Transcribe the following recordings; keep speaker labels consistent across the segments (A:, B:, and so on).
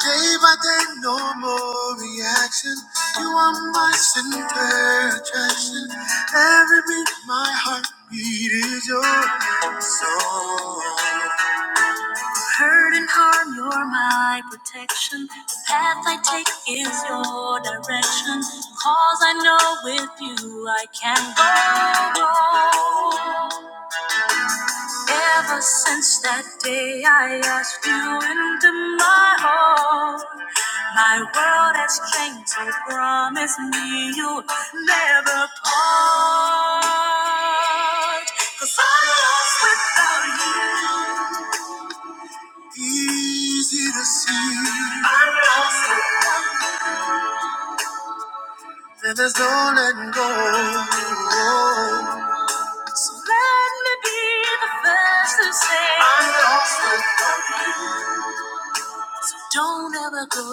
A: Day by day, no more reaction. You are my center attraction. Every beat, my heartbeat is your song. Hurt and harm, you're my protection. The path I take is your direction. Cause I know with you I can go. Ever since that day, I asked you into my heart. My world has changed, so promise me you'll never part. i I'm lost without you. Easy to see that there's no letting go. So Let me be the first to say I'm lost without you. Don't ever go.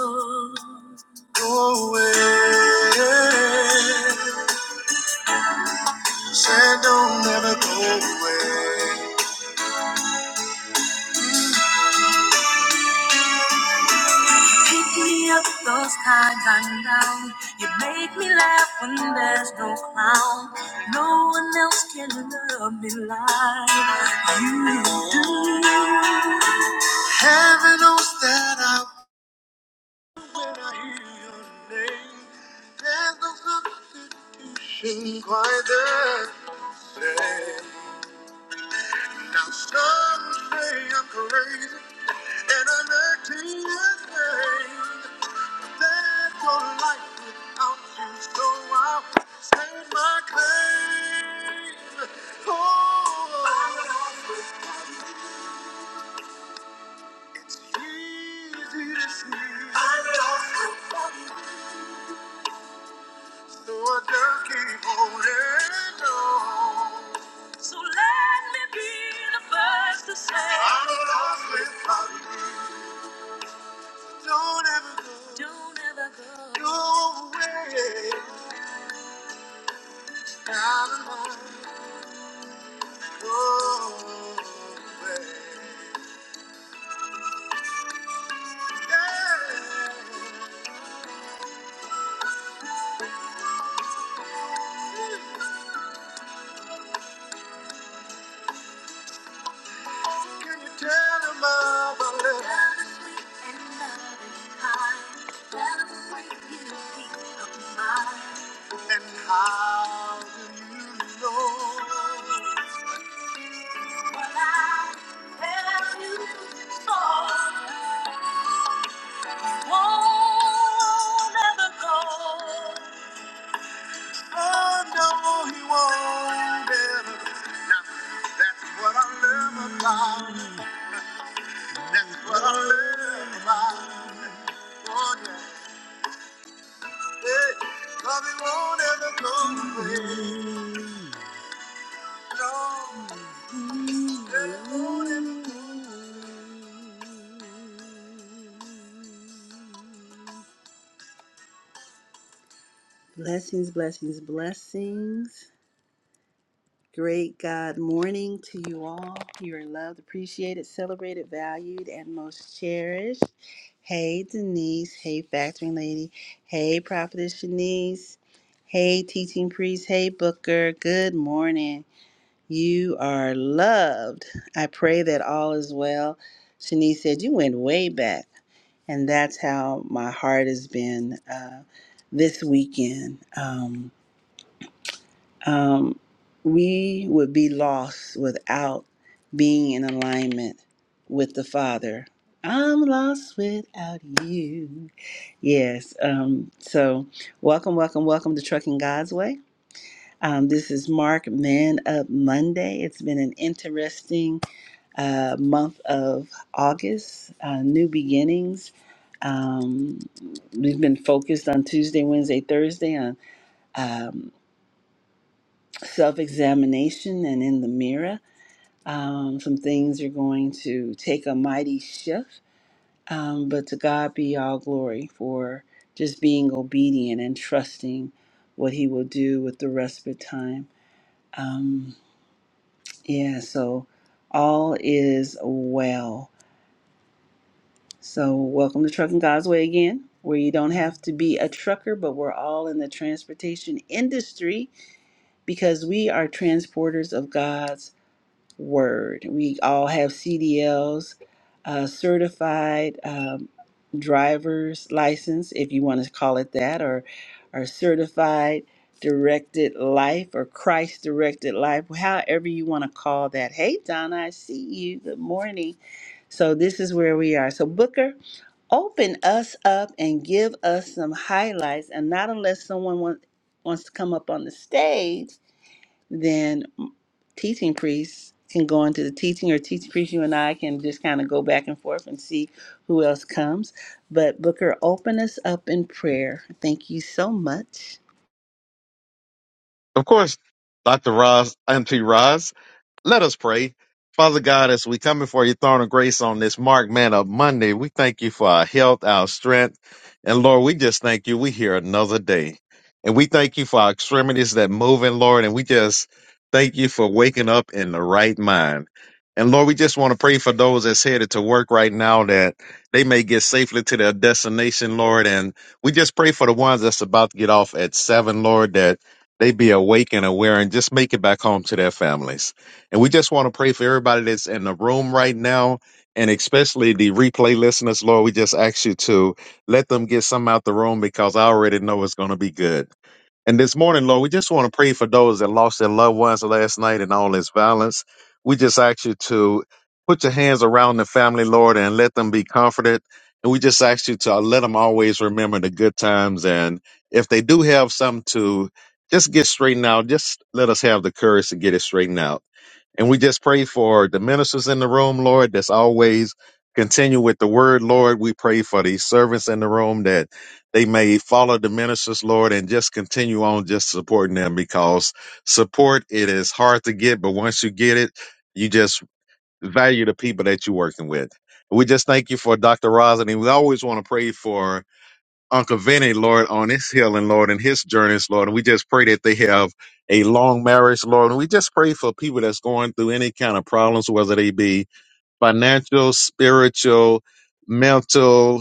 A: Go away. Said don't ever go away. Pick me up those times I'm down. You make me laugh when there's no clown. No one else can love me like you do. Heaven knows that I when I hear your name. There's no substitution quite there. Now some say I'm crazy, and I'm acting insane. There's no life without you, so I'll stake my claim. Oh, it's easy to see. I'm So I just keep holding on. So let me be the first to say I'm lost without you. Don't ever go. Don't ever go. Go away. Out of mind. And how do you know? Well, I tell you so. Won't ever go. Oh, no, he won't ever. Now, that's what I love about. That's what I love about. Oh, yeah. Hey, love, won't ever go away. No, it won't ever go away. Blessings, blessings, blessings. Great God morning to you all. You are loved, appreciated, celebrated, valued, and most cherished. Hey, Denise. Hey, Factoring Lady. Hey, Prophetess Shanice. Hey, Teaching Priest. Hey, Booker. Good morning. You are loved. I pray that all is well. Shanice said, You went way back. And that's how my heart has been uh, this weekend. Um, um, we would be lost without being in alignment with the Father. I'm lost without you. Yes. Um, so, welcome, welcome, welcome to Trucking God's Way. Um, this is Mark Man Up Monday. It's been an interesting uh, month of August, uh, new beginnings. Um, we've been focused on Tuesday, Wednesday, Thursday on. um, self examination and in the mirror. Um, some things are going to take a mighty shift, um, but to God be all glory for just being obedient and trusting what He will do with the respite time. Um, yeah, so all is well. So, welcome to Trucking God's Way again, where you don't have to be a trucker, but we're all in the transportation industry because we are transporters of God's word. We all have CDLs, uh, certified um, driver's license, if you want to call it that, or or certified directed life or Christ directed life, however you want to call that. Hey, Donna, I see you. Good morning. So this is where we are. So Booker, open us up and give us some highlights, and not unless someone wants wants to come up on the stage then teaching priests can go into the teaching or teaching priest you and i can just kind of go back and forth and see who else comes but booker open us up in prayer thank you so much
B: Of course, Doctor Roz, M.P. Roz. Let us pray. Father God, as we come before your throne of grace on this Mark Man of Monday, we thank you for our health, our strength. And Lord, we just thank you. We hear another day. And we thank you for our extremities that move in, Lord. And we just thank you for waking up in the right mind. And Lord, we just want to pray for those that's headed to work right now that they may get safely to their destination, Lord. And we just pray for the ones that's about to get off at seven, Lord, that they be awake and aware and just make it back home to their families. And we just want to pray for everybody that's in the room right now, and especially the replay listeners, Lord. We just ask you to let them get some out the room because I already know it's going to be good. And this morning, Lord, we just want to pray for those that lost their loved ones last night and all this violence. We just ask you to put your hands around the family, Lord, and let them be comforted. And we just ask you to uh, let them always remember the good times. And if they do have something to just get straightened out, just let us have the courage to get it straightened out. And we just pray for the ministers in the room, Lord, that's always continue with the word, Lord. We pray for the servants in the room that they may follow the ministers, Lord, and just continue on just supporting them because support it is hard to get, but once you get it, you just value the people that you're working with. We just thank you for Dr. Rosin, and we always want to pray for Uncle Vinny, Lord, on his healing, Lord, and his journeys, Lord. And we just pray that they have a long marriage, Lord. And we just pray for people that's going through any kind of problems, whether they be financial, spiritual, mental,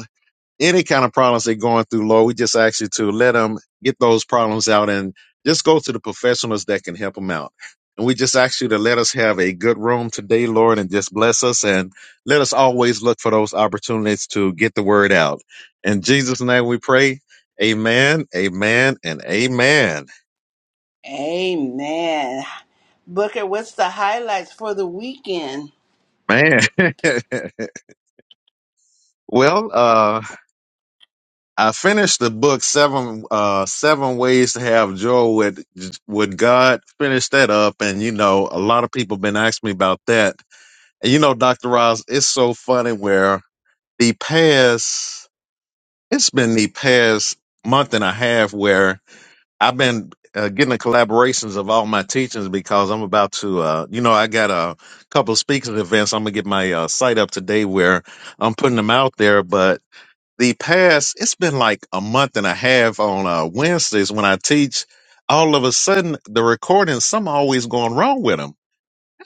B: any kind of problems they're going through, Lord, we just ask you to let them get those problems out and just go to the professionals that can help them out. And we just ask you to let us have a good room today, Lord, and just bless us and let us always look for those opportunities to get the word out. In Jesus' name we pray. Amen, amen, and amen.
A: Amen. Booker, what's the highlights for the weekend?
B: Man. well, uh, I finished the book seven uh seven ways to have joy with with God. Finished that up, and you know a lot of people been asking me about that. And you know, Doctor Ross, it's so funny where the past it's been the past month and a half where I've been uh, getting the collaborations of all my teachings because I'm about to uh you know I got a couple of speaking events. I'm gonna get my uh, site up today where I'm putting them out there, but the past it's been like a month and a half on uh wednesdays when i teach all of a sudden the recordings some always going wrong with them.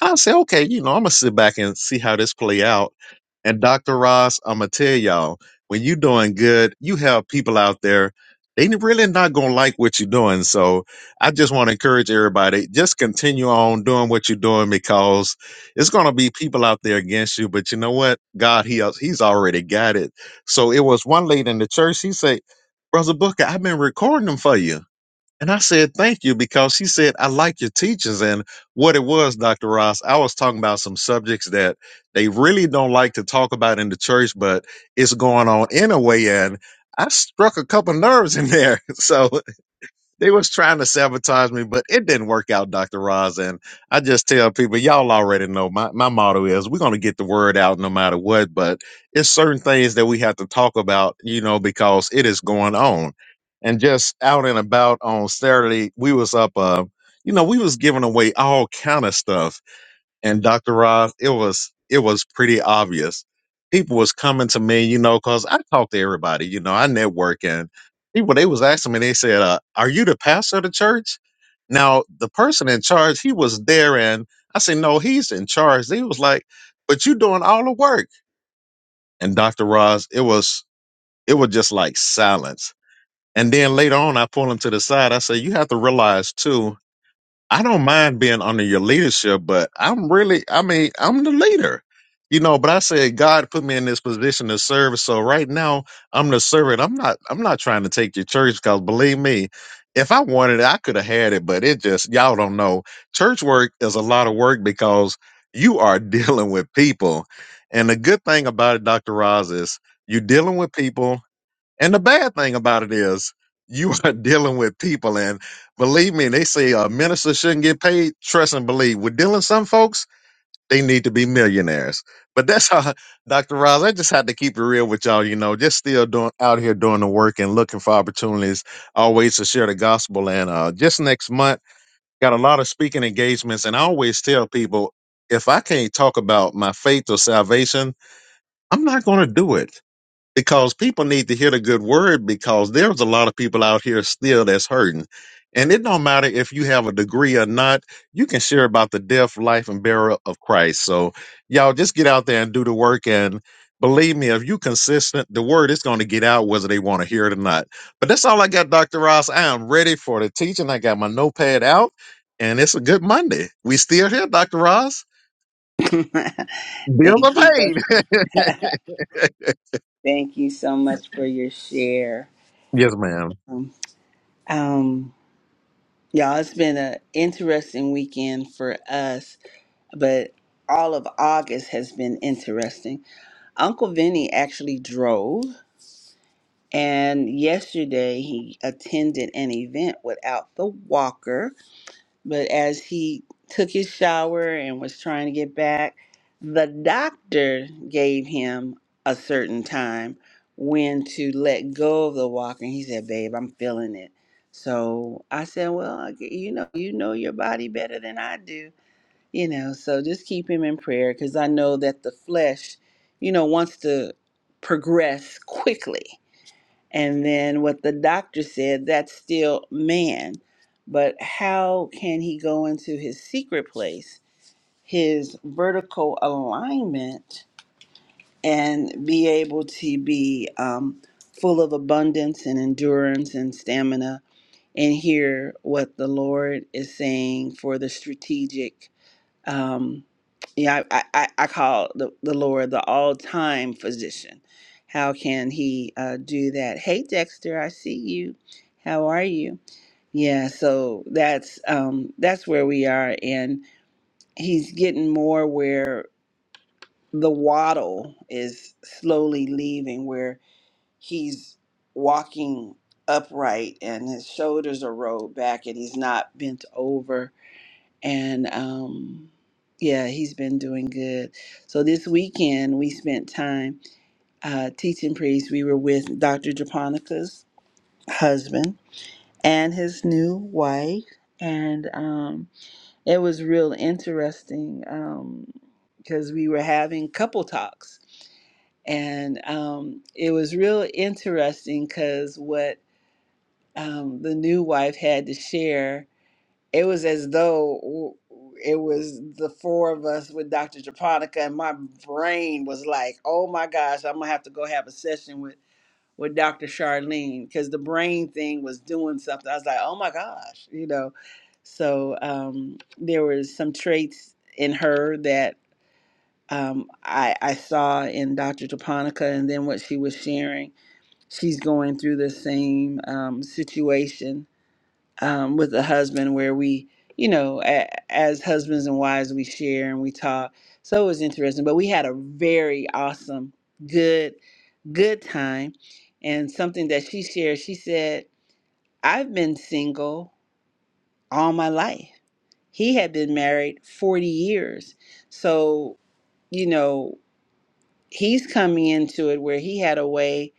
B: I say, okay, you know, I'm gonna sit back and see how this play out. And Dr. Ross, I'm gonna tell y'all, when you doing good, you have people out there, they n- really not gonna like what you're doing. So I just want to encourage everybody, just continue on doing what you're doing because it's gonna be people out there against you. But you know what? God, he al- he's already got it. So it was one lady in the church. He said, Brother Booker, I've been recording them for you. And I said, thank you, because she said, I like your teachings. And what it was, Dr. Ross, I was talking about some subjects that they really don't like to talk about in the church, but it's going on anyway. And I struck a couple nerves in there. So they was trying to sabotage me, but it didn't work out, Dr. Roz. And I just tell people, y'all already know my, my motto is we're gonna get the word out no matter what, but it's certain things that we have to talk about, you know, because it is going on. And just out and about on Saturday, we was up uh, you know, we was giving away all kind of stuff and Dr. Ross, it was it was pretty obvious. People was coming to me, you know, cause I talk to everybody, you know, I network and people they was asking me, they said, uh, "Are you the pastor of the church?" Now the person in charge, he was there, and I said, "No, he's in charge." He was like, "But you doing all the work." And Dr. Ross, it was it was just like silence. And then later on, I pulled him to the side. I said, "You have to realize too." I don't mind being under your leadership, but I'm really, I mean, I'm the leader, you know. But I said God put me in this position to serve, so right now I'm the servant. I'm not, I'm not trying to take your church because believe me, if I wanted it, I could have had it, but it just y'all don't know. Church work is a lot of work because you are dealing with people, and the good thing about it, Doctor Roz, is you're dealing with people and the bad thing about it is you are dealing with people. And believe me, they say a minister shouldn't get paid. Trust and believe. We're dealing with some folks, they need to be millionaires. But that's how, Dr. Ross, I just had to keep it real with y'all. You know, just still doing out here doing the work and looking for opportunities always to share the gospel. And uh, just next month, got a lot of speaking engagements. And I always tell people, if I can't talk about my faith or salvation, I'm not going to do it because people need to hear the good word because there's a lot of people out here still that's hurting. And it don't matter if you have a degree or not, you can share about the death, life, and burial of Christ. So y'all just get out there and do the work and believe me, if you consistent, the word is going to get out whether they want to hear it or not. But that's all I got, Dr. Ross. I am ready for the teaching. I got my notepad out and it's a good Monday. We still here, Dr. Ross.
A: thank
B: Bills are
A: you Booker.
B: paid.
A: thank you so much for your share
B: yes, ma'am.
A: um, um, y'all it's been an interesting weekend for us but all of august has been interesting Uncle Vinny actually drove, and yesterday he attended an event without the walker. But as he took his shower and was trying to get back, the doctor gave him a certain time when to let go of the walker. And he said, Babe, I'm feeling it. So I said, Well, I g- you know, you know your body better than I do you know so just keep him in prayer because i know that the flesh you know wants to progress quickly and then what the doctor said that's still man but how can he go into his secret place his vertical alignment and be able to be um, full of abundance and endurance and stamina and hear what the lord is saying for the strategic um yeah i i, I call the, the lord the all-time physician how can he uh, do that hey dexter i see you how are you yeah so that's um that's where we are and he's getting more where the waddle is slowly leaving where he's walking upright and his shoulders are rolled back and he's not bent over and um, yeah, he's been doing good. So this weekend we spent time uh, teaching priests. We were with Dr. Japonica's husband and his new wife, and um, it was real interesting because we were having couple talks, and um, it was real interesting because what um, the new wife had to share it was as though it was the four of us with Dr. Japonica, and my brain was like, "Oh my gosh, I'm gonna have to go have a session with with Dr. Charlene," because the brain thing was doing something. I was like, "Oh my gosh," you know. So um, there was some traits in her that um, I, I saw in Dr. Japonica, and then what she was sharing. She's going through the same um, situation um, with a husband where we, you know, a, as husbands and wives, we share and we talk. So it was interesting, but we had a very awesome, good, good time. And something that she shared, she said, I've been single all my life. He had been married 40 years. So, you know, he's coming into it where he had a way.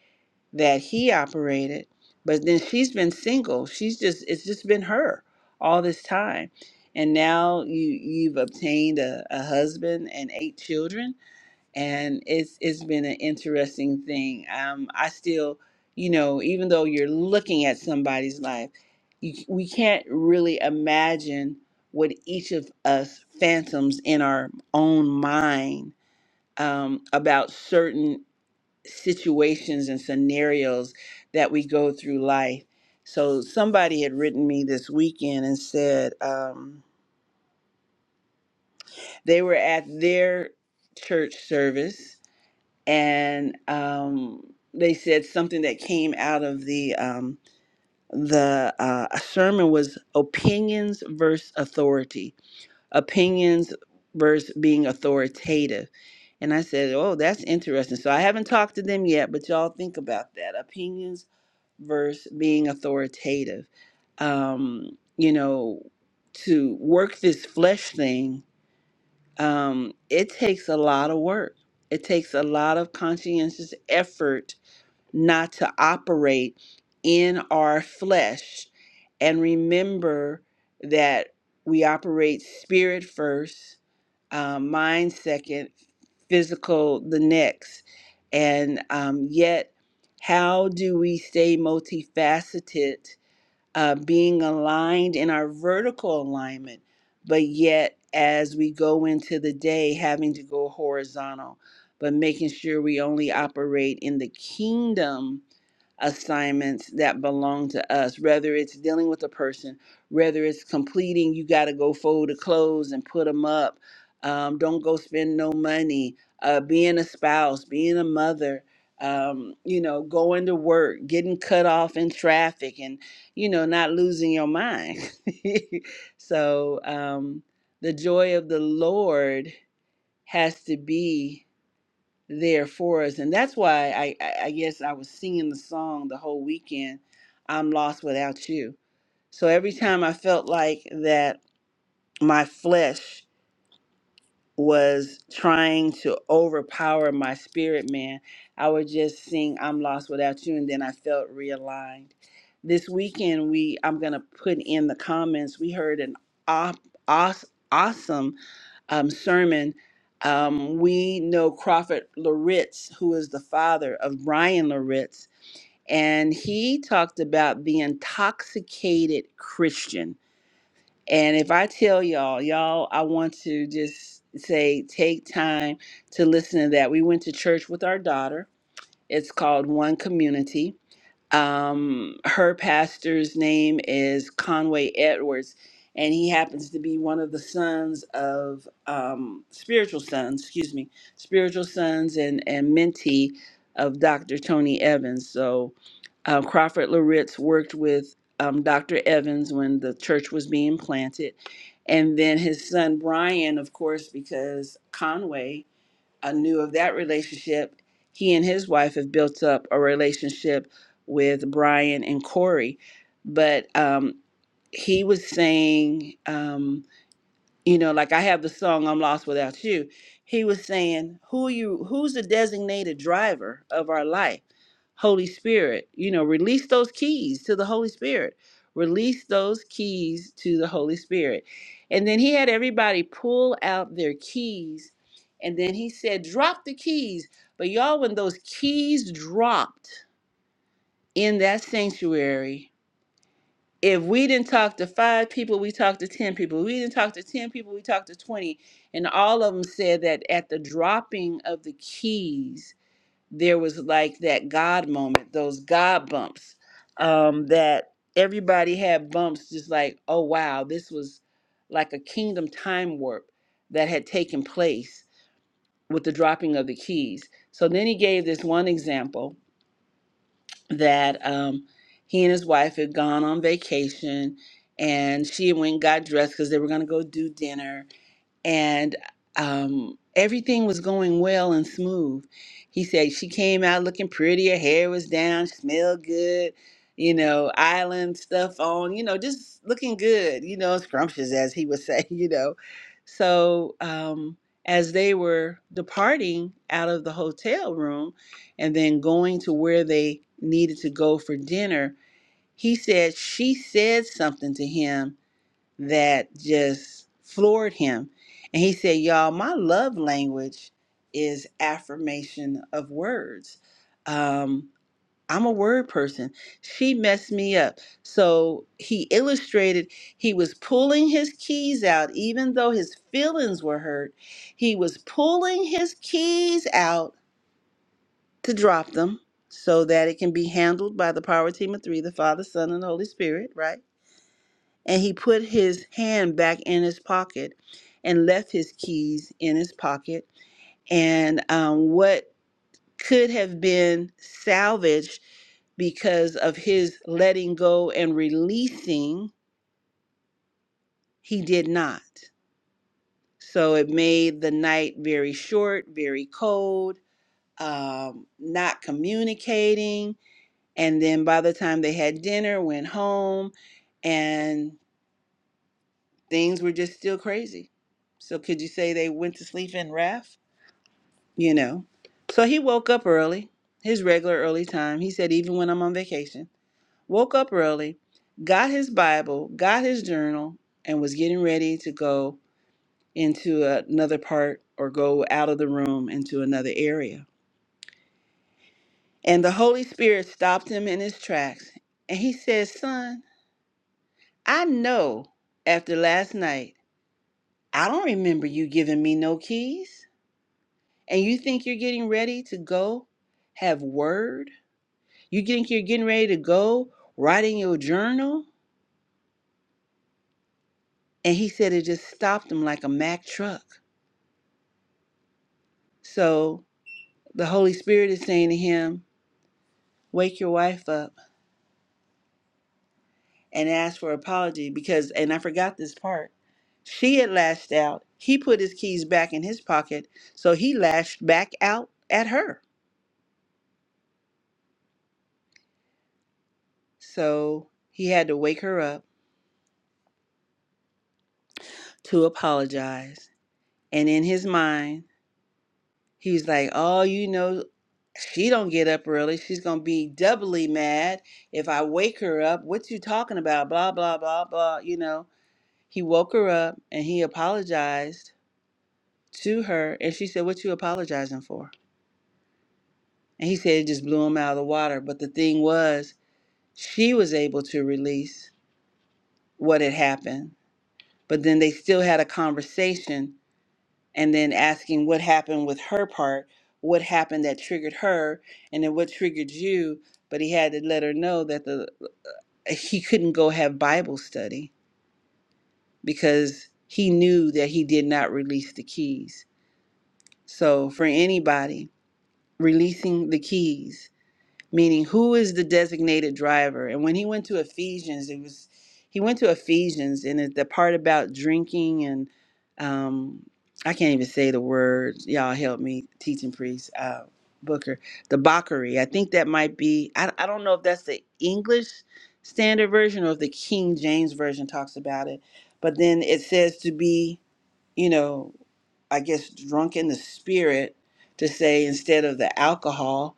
A: that he operated but then she's been single she's just it's just been her all this time and now you you've obtained a, a husband and eight children and it's it's been an interesting thing um i still you know even though you're looking at somebody's life you, we can't really imagine what each of us phantoms in our own mind um, about certain situations and scenarios that we go through life. So somebody had written me this weekend and said um, they were at their church service and um, they said something that came out of the um, the uh, a sermon was opinions versus authority, opinions versus being authoritative. And I said, "Oh, that's interesting." So I haven't talked to them yet, but y'all think about that. Opinions versus being authoritative. Um, you know, to work this flesh thing, um, it takes a lot of work. It takes a lot of conscientious effort not to operate in our flesh and remember that we operate spirit first uh, mind second, physical the next. And um, yet, how do we stay multifaceted, uh, being aligned in our vertical alignment, but yet as we go into the day, having to go horizontal, but making sure we only operate in the kingdom? assignments that belong to us, whether it's dealing with a person, whether it's completing, you got to go fold the clothes and put them up. Um, don't go spend no money. Uh, being a spouse, being a mother, um, you know, going to work, getting cut off in traffic, and you know, not losing your mind. so um, the joy of the Lord has to be there for us. And that's why I, I, I guess I was singing the song the whole weekend, I'm Lost Without You. So every time I felt like that my flesh was trying to overpower my spirit man, I would just sing I'm lost without you and then I felt realigned. This weekend we I'm going to put in the comments we heard an op, os, awesome um, sermon. Um, we know Crawford Loritz, who is the father of Brian Loritz, and he talked about the intoxicated Christian and if I tell y'all, y'all, I want to just say take time to listen to that. We went to church with our daughter. It's called One Community um, her pastor's name is Conway Edwards, and he happens to be one of the sons of um, spiritual sons, excuse me, spiritual sons and, and mentee of Dr. Tony Evans. So uh, Crawford Loritz worked with um, Dr. Evans when the church was being planted. And then his son Brian, of course, because Conway. I knew of that relationship. He and his wife have built up a relationship with Brian and Corey, but um, he was saying. Um, you know like i have the song i'm lost without you he was saying who you who's the designated driver of our life holy spirit you know release those keys to the holy spirit release those keys to the holy spirit and then he had everybody pull out their keys and then he said drop the keys but y'all when those keys dropped in that sanctuary if we didn't talk to five people, we talked to 10 people. We didn't talk to 10 people, we talked to 20. And all of them said that at the dropping of the keys, there was like that God moment, those God bumps, um, that everybody had bumps, just like, oh, wow, this was like a kingdom time warp that had taken place with the dropping of the keys. So then he gave this one example that um, he and his wife had gone on vacation and she went and got dressed because they were going to go do dinner and um, everything was going well and smooth. He said she came out looking pretty, her hair was down, she smelled good, you know, island stuff on, you know, just looking good, you know, scrumptious as he would say, you know. So um, as they were departing out of the hotel room and then going to where they needed to go for dinner, he said she said something to him that just floored him. And he said, Y'all, my love language is affirmation of words. Um, I'm a word person. She messed me up. So he illustrated he was pulling his keys out, even though his feelings were hurt. He was pulling his keys out to drop them so that it can be handled by the power team of three the Father, Son, and Holy Spirit, right? And he put his hand back in his pocket and left his keys in his pocket. And um, what could have been salvaged because of his letting go and releasing, he did not. So it made the night very short, very cold, um, not communicating. And then by the time they had dinner, went home, and. Things were just still crazy. So could you say they went to sleep in wrath? You know. So he woke up early, his regular early time. He said, even when I'm on vacation, woke up early, got his Bible, got his journal, and was getting ready to go into another part or go out of the room into another area. And the Holy Spirit stopped him in his tracks. And he said, Son, I know after last night, I don't remember you giving me no keys. and you think you're getting ready to go have word you think you're getting ready to go writing your journal and he said it just stopped him like a mack truck so the holy spirit is saying to him wake your wife up and ask for apology because and i forgot this part she had lashed out he put his keys back in his pocket so he lashed back out at her so he had to wake her up to apologize and in his mind He's like, oh, you know, she don't get up early. She's gonna be doubly mad if I wake her up. What you talking about? Blah blah blah blah. You know, he woke her up and he apologized to her, and she said, "What you apologizing for?" And he said it just blew him out of the water. But the thing was, she was able to release what had happened. But then they still had a conversation and then asking what happened with her part, what happened that triggered her, and then what triggered you. But he had to let her know that the he couldn't go have Bible study because he knew that he did not release the keys. So for anybody, releasing the keys meaning who is the designated driver and when he went to ephesians it was he went to ephesians and it, the part about drinking and um i can't even say the word y'all help me teaching priest uh booker the bakery i think that might be I, I don't know if that's the english standard version or if the king james version talks about it but then it says to be you know i guess drunk in the spirit to say instead of the alcohol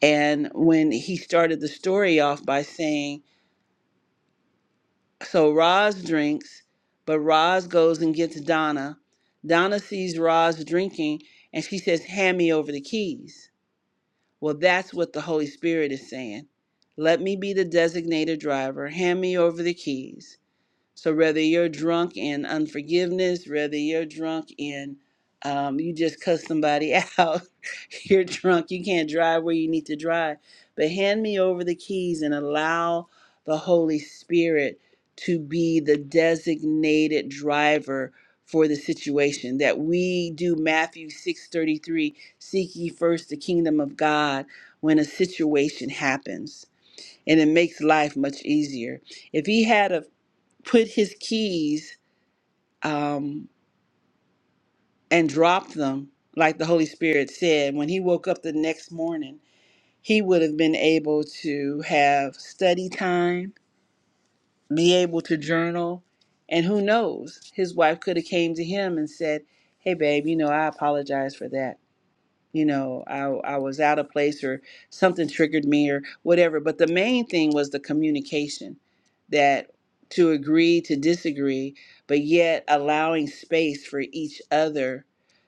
A: and when he started the story off by saying, so Roz drinks, but Roz goes and gets Donna. Donna sees Roz drinking and she says, Hand me over the keys. Well, that's what the Holy Spirit is saying. Let me be the designated driver. Hand me over the keys. So whether you're drunk in unforgiveness, whether you're drunk in um, you just cuss somebody out, you're drunk, you can't drive where you need to drive. But hand me over the keys and allow the Holy Spirit to be the designated driver for the situation that we do Matthew 6:33 seek ye first the kingdom of God when a situation happens and it makes life much easier if he had a put his keys um, and dropped them, like the Holy Spirit said, when he woke up the next morning, he would have been able to have study time, be able to journal, and who knows, his wife could have came to him and said, "Hey, babe, you know I apologize for that." you know I, I was out of place or something triggered me or whatever but the main thing was the communication that to agree to disagree but yet allowing space for each other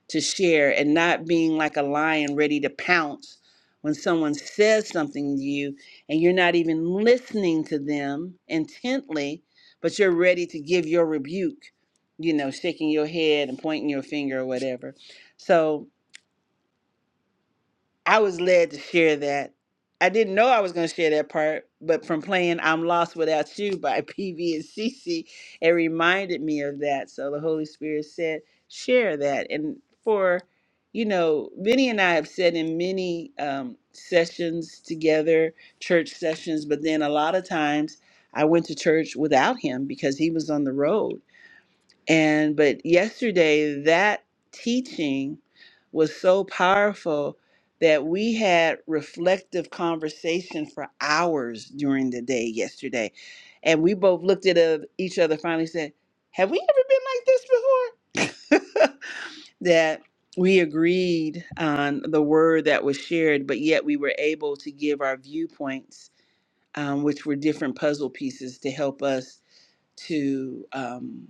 A: to share and not being like a lion ready to pounce when someone says something to you and you're not even listening to them intently but you're ready to give your rebuke you know shaking your head and pointing your finger or whatever so I was led to share that. I didn't know I was going to share that part, but from playing I'm Lost Without You by PV and CC, it reminded me of that. So the Holy Spirit said, share that. And for, you know, Vinny and I have said in many um, sessions together, church sessions, but then a lot of times I went to church without him because he was on the road and but yesterday that teaching was so powerful that we had reflective conversation for hours during the day yesterday. And we both looked at uh, each other finally said, "Have we ever been like this before?" that we agreed on the word that was shared, but yet we were able to give our viewpoints, um, which were different puzzle pieces to help us to. Um,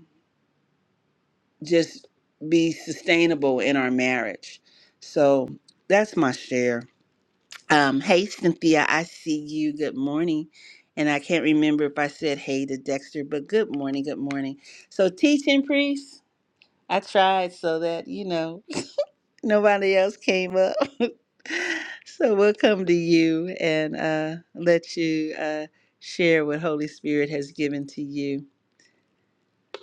A: just be sustainable in our marriage. So that's my share. Um, hey, Cynthia, I see you. Good morning. And I can't remember if I said hey to Dexter, but good morning, good morning. So, teaching priest, I tried so that, you know, nobody else came up. so, we'll come to you and uh, let you uh, share what Holy Spirit has given to you.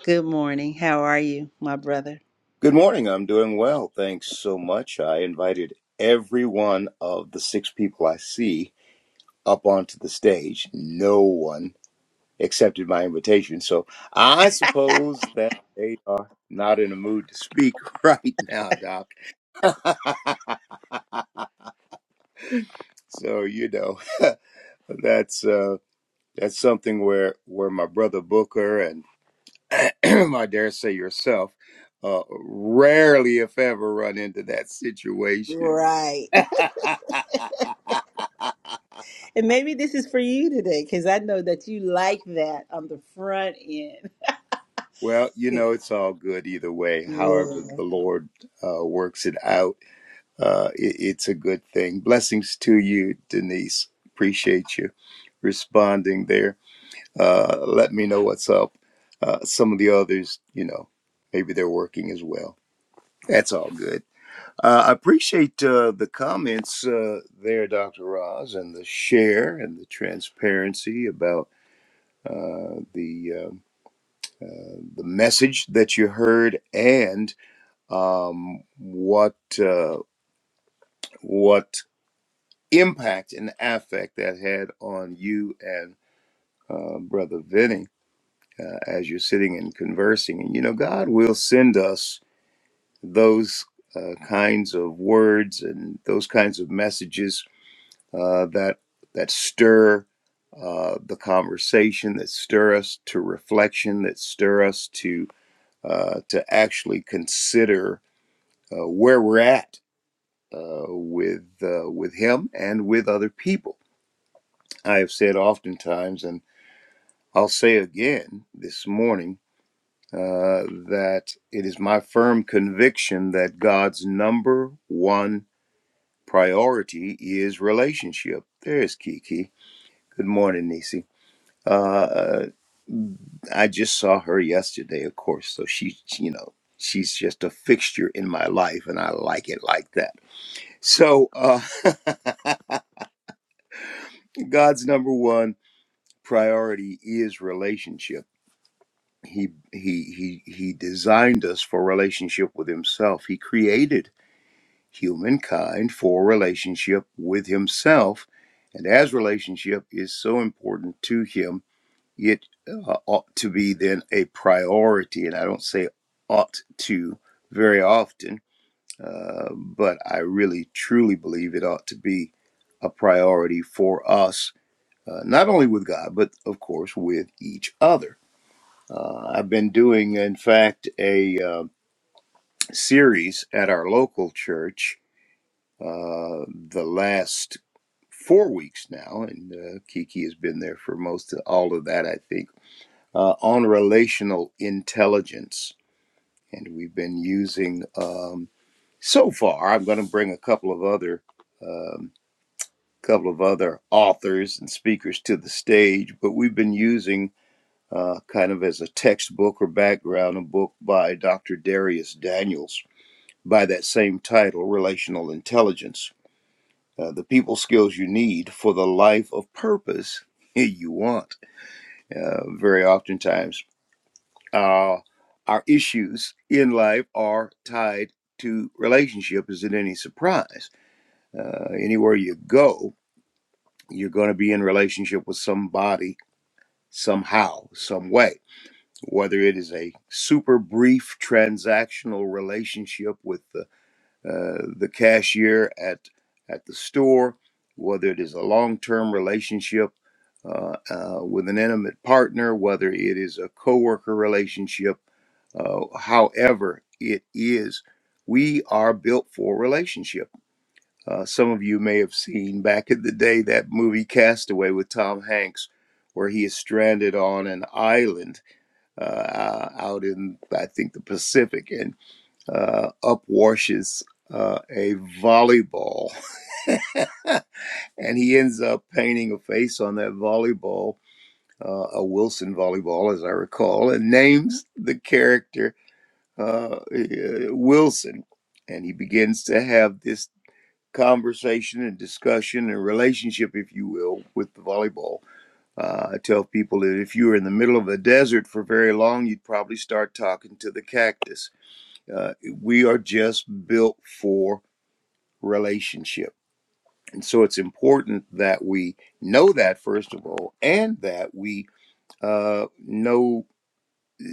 A: Good morning. How are you, my brother?
C: Good morning. I'm doing well. Thanks so much. I invited every one of the six people I see up onto the stage. No one accepted my invitation. So I suppose that they are not in a mood to speak right now, Doc. so, you know, that's uh that's something where where my brother Booker and I dare say yourself, uh, rarely, if ever, run into that situation.
A: Right. And maybe this is for you today because I know that you like that on the front end.
C: well, you know, it's all good either way.
A: yeah.
C: However, the Lord uh, works it out. Uh, it, it's a good thing. Blessings to you, Denise. Appreciate you responding there. Uh, let me know what's up. Uh, some of the others, you know, maybe they're working as well. That's all good. Uh, I appreciate uh, the comments uh, there, Dr. Roz, and the share and the transparency about uh, the um uh, the message that you heard and um, what uh, what impact and affect that had on you and uh, Brother Vinny uh, as you're sitting and conversing. And you know, God will send us those uh, kinds of words and those kinds of messages uh, that that stir uh, the conversation, that stir us to reflection, that stir us to uh, to actually consider uh, where we're at uh, with uh, with Him and with other people. I have said oftentimes, and I'll say again this morning, uh, that it is my firm conviction that God's number one priority is relationship. There's Kiki. Good morning, Nisi. Uh, I just saw her yesterday, of course. So she, she- you know, she's just a fixture in my life, and I like it like that. So uh, God's number one priority is relationship. He he he he designed us for relationship with Himself. He created humankind for relationship with Himself, and as relationship is so important to Him. it uh, ought to be then a priority. And I don't say ought to very often, uh, but I really truly believe it ought to be a priority for us, uh, not only with God, but of course with each other. Uh, I've been doing, in fact, a uh, series at our local church uh, the last four weeks now, and uh, Kiki has been there for most of all of that, I think uh, on relational intelligence. And we've been using um, so far. I'm going to bring a couple of other um, couple of other authors and speakers to the stage, but we've been using uh, kind of as a textbook or background a book by Dr. Darius Daniels by that same title, Relational Intelligence: uh, The People Skills You Need for the Life of Purpose You Want. Uh, very oftentimes uh, our issues in life are tied to relationship. Is it any surprise? Uh, anywhere you go, you're going to be in relationship with somebody somehow, some way. Whether it is a super brief transactional relationship with uh, uh, the cashier at at the store, whether it is a long-term relationship uh, uh, with an intimate partner, whether it is a coworker relationship, uh, however it is, we are built for relationship. Uh, some of you may have seen back in the day that movie Castaway with Tom Hanks, where he is stranded on an island uh, out in, I think, the Pacific, and uh, upwashes uh, a volleyball. and he ends up painting a face on that volleyball, uh, a Wilson volleyball, as I recall, and names the character uh, eh, Wilson. And he begins to have this conversation and discussion and relationship, if you will, with the volleyball. Uh, I tell people that if you were in the middle of a desert for very long, you'd probably start talking to the cactus uh, we are just built for relationship. And so it's important that we know that, first of all, and that we uh, know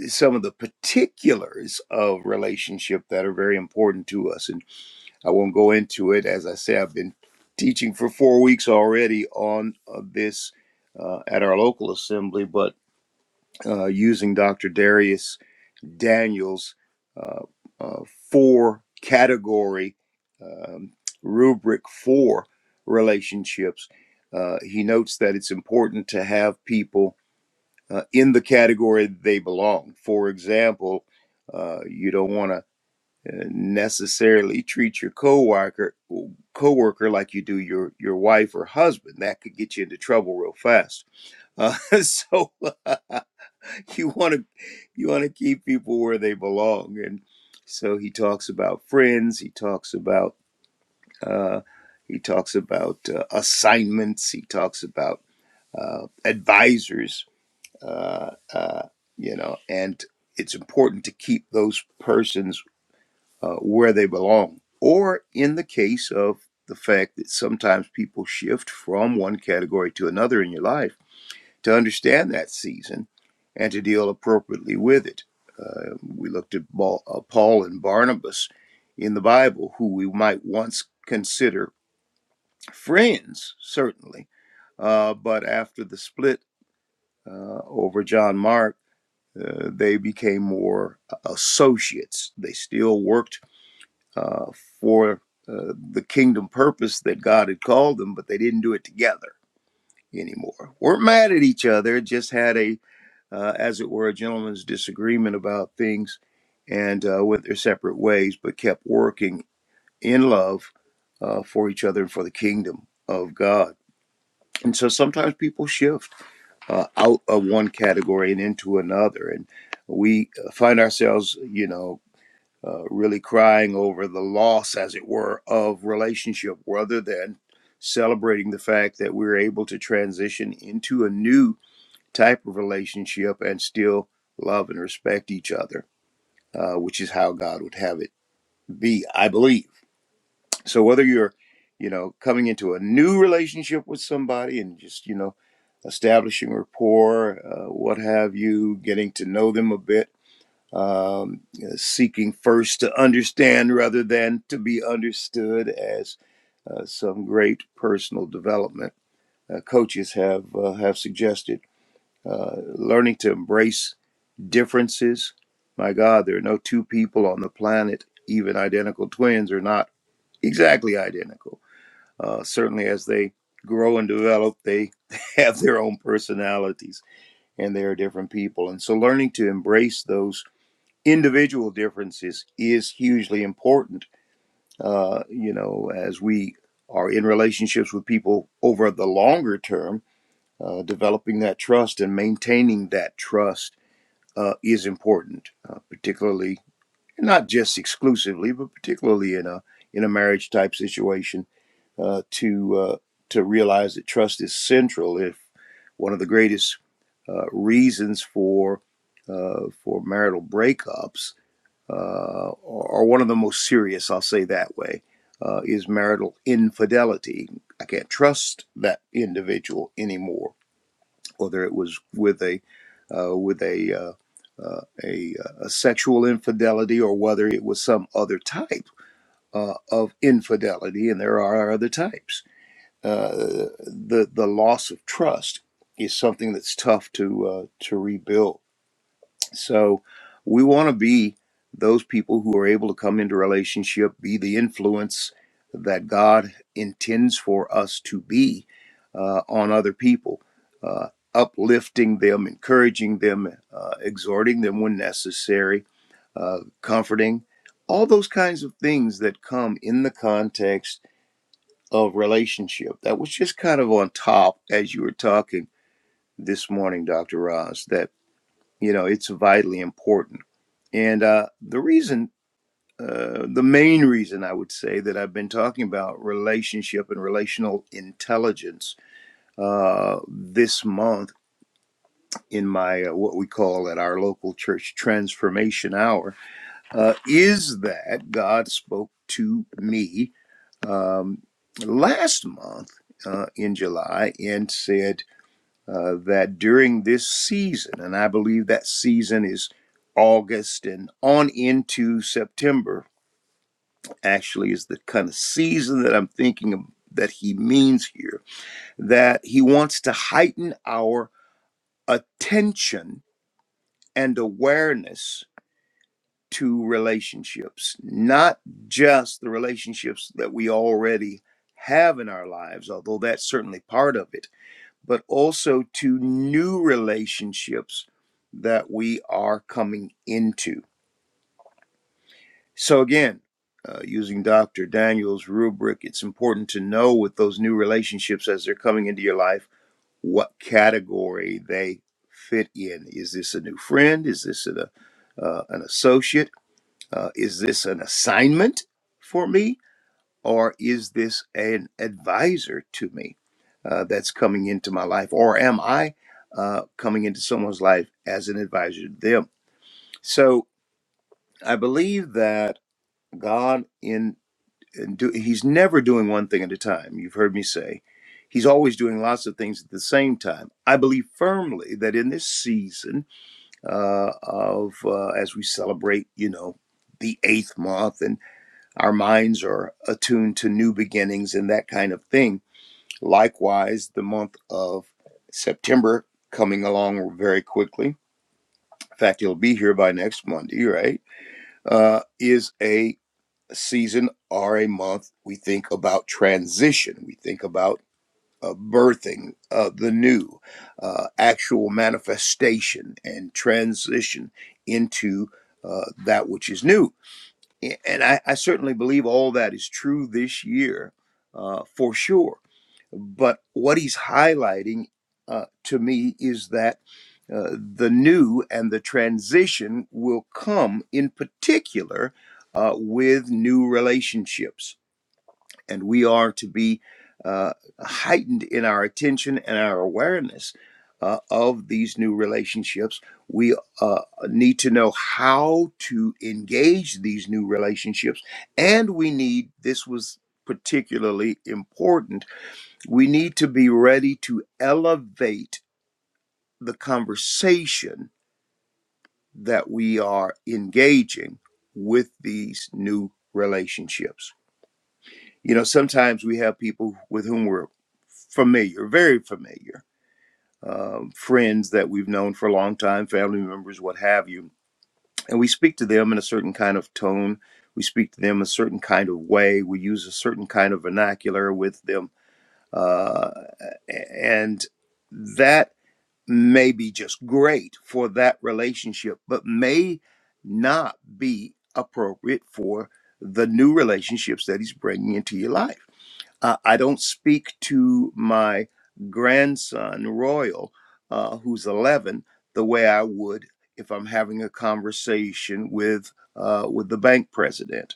C: some of the particulars of relationship that are very important to us. And I won't go into it. As I say, I've been teaching for four weeks already on uh, this uh, at our local assembly, but uh, using Dr. Darius' Daniel's uh, uh, four category um, rubric for relationships. Uh, he notes that it's important to have people uh, in the category they belong. For example, uh, you don't want to necessarily treat your coworker coworker like you do your your wife or husband. That could get you into trouble real fast. Uh, so you want to you want to keep people where they belong and so he talks about friends he talks about uh, he talks about uh, assignments he talks about uh, advisors uh, uh, you know and it's important to keep those persons uh, where they belong or in the case of the fact that sometimes people shift from one category to another in your life to understand that season and to deal appropriately with it. Uh, we looked at uh, Paul and Barnabas in the Bible, who we might once consider friends, certainly, uh, but after the split uh, over John Mark, uh, they became more uh, associates. They still worked uh, for uh, the kingdom purpose that God had called them, but they didn't do it together anymore. Weren't mad at each other, just had a uh, as it were, a gentleman's disagreement about things and uh, went their separate ways, but kept working in love uh, for each other and for the kingdom of God. And so sometimes people shift uh, out of one category and into another. And we uh, find ourselves, you know, uh, really crying over the loss, as it were, of relationship rather than celebrating the fact that we're able to transition into a new type of relationship and still love and respect each other, uh, which is how God would have it be, I believe. So whether you're, you know, coming into a new relationship with somebody and just, you know, establishing rapport, uh, what have you, getting to know them a bit, um, you know, seeking first to understand rather than to be understood as uh, some great personal development uh, coaches have uh, have suggested uh, learning to embrace differences. My God, there are no two people on the planet, even identical twins, are not exactly identical. Uh, certainly, as they grow and develop, they have their own personalities and they are different people. And so, learning to embrace those individual differences is hugely important, uh, you know, as we are in relationships with people over the longer term. Uh, developing that trust and maintaining that trust uh, is important, uh, particularly not just exclusively, but particularly in a in a marriage type situation, uh, to uh, to realize that trust is central. If one of the greatest uh, reasons for uh, for marital breakups, uh, or, one of the most serious, I'll say that way, uh, is marital infidelity. I can't trust that individual anymore whether it was with a uh, with a uh, uh, a, a sexual infidelity or whether it was some other type uh, of infidelity, and there are other types. Uh, the the loss of trust is something that's tough to uh, to rebuild so we want to be those people who are able to come into relationship, be the influence that God intends for us to be uh, on other people, uh, uplifting them, encouraging them, uh, exhorting them when necessary, uh, comforting, all those kinds of things that come in the context of relationship. That was just kind of on top as you were talking this morning, Dr. Ross, That. You know, it's vitally important. And uh, the reason, uh, the main reason I would say that I've been talking about relationship and relational intelligence uh, this month in my uh, what we call at our local church transformation hour uh, is that God spoke to me um, last month uh, in July and said, uh, that during this season, and I believe that season is August and on into September, actually, is the kind of season that I'm thinking of that he means here, that he wants to heighten our attention and awareness to relationships, not just the relationships that we already have in our lives, although that's certainly part of it but also to new relationships that we are coming into. So, again, uh, using Dr. Daniel's rubric, it's important to know with those new relationships as they're coming into your life what category they fit in. Is this a new friend? Is this an, uh, an associate? Uh, is this an assignment for me? or is this an advisor to me uh, that's coming into my life or am i uh, coming into someone's life as an advisor to them so i believe that god in, in do, he's never doing one thing at a time you've heard me say he's always doing lots of things at the same time i believe firmly that in this season uh, of uh, as we celebrate you know the eighth month and our minds are attuned to new beginnings and that kind of thing Likewise, the month of September coming along very quickly. In fact, it'll be here by next Monday, right? Uh, is a season or a month we think about transition. We think about uh, birthing uh, the new, uh, actual manifestation and transition into uh, that which is new. And I, I certainly believe all that is true this year uh, for sure but what he's highlighting uh, to me is that uh, the new and the transition will come in particular uh, with new relationships. And we are to be uh, heightened in our attention and our awareness uh, of these new relationships. We uh, need to know how to engage these new relationships. And we need, this was particularly important we need to be ready to elevate the conversation that we are engaging with these new relationships. You know, sometimes we have people with whom we're familiar, very familiar, um, friends that we've known for a long time, family members, what have you. And we speak to them in a certain kind of tone. We speak to them a certain kind of way. We use a certain kind of vernacular with them. Uh, and that may be just great for that relationship, but may not be appropriate for the new relationships that he's bringing into your life. Uh, I don't speak to my grandson, Royal, uh, who's 11, the way I would if I'm having a conversation with uh, with the bank president.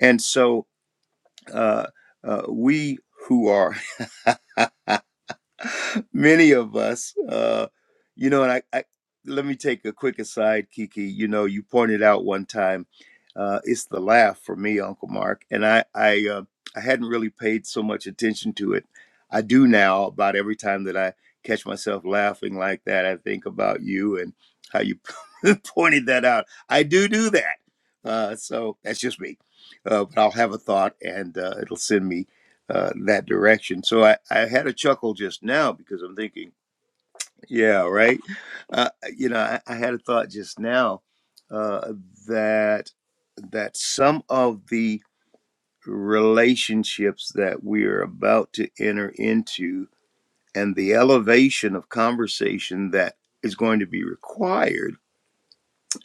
C: And so uh, uh, we who are many of us. Uh, you know, and I, I let me take a quick aside, Kiki. You know, you pointed out one time, uh, it's the laugh for me, Uncle Mark, and I, I, uh, I hadn't really paid so much attention to it. I do now. About every time that I catch myself laughing like that, I think about you and how you pointed that out. I do do that. Uh, so that's just me. Uh, but I'll have a thought, and uh, it'll send me uh, that direction. So I, I had a chuckle just now because I'm thinking, yeah, right. Uh, you know, I, I had a thought just now uh, that that some of the relationships that we are about to enter into and the elevation of conversation that is going to be required,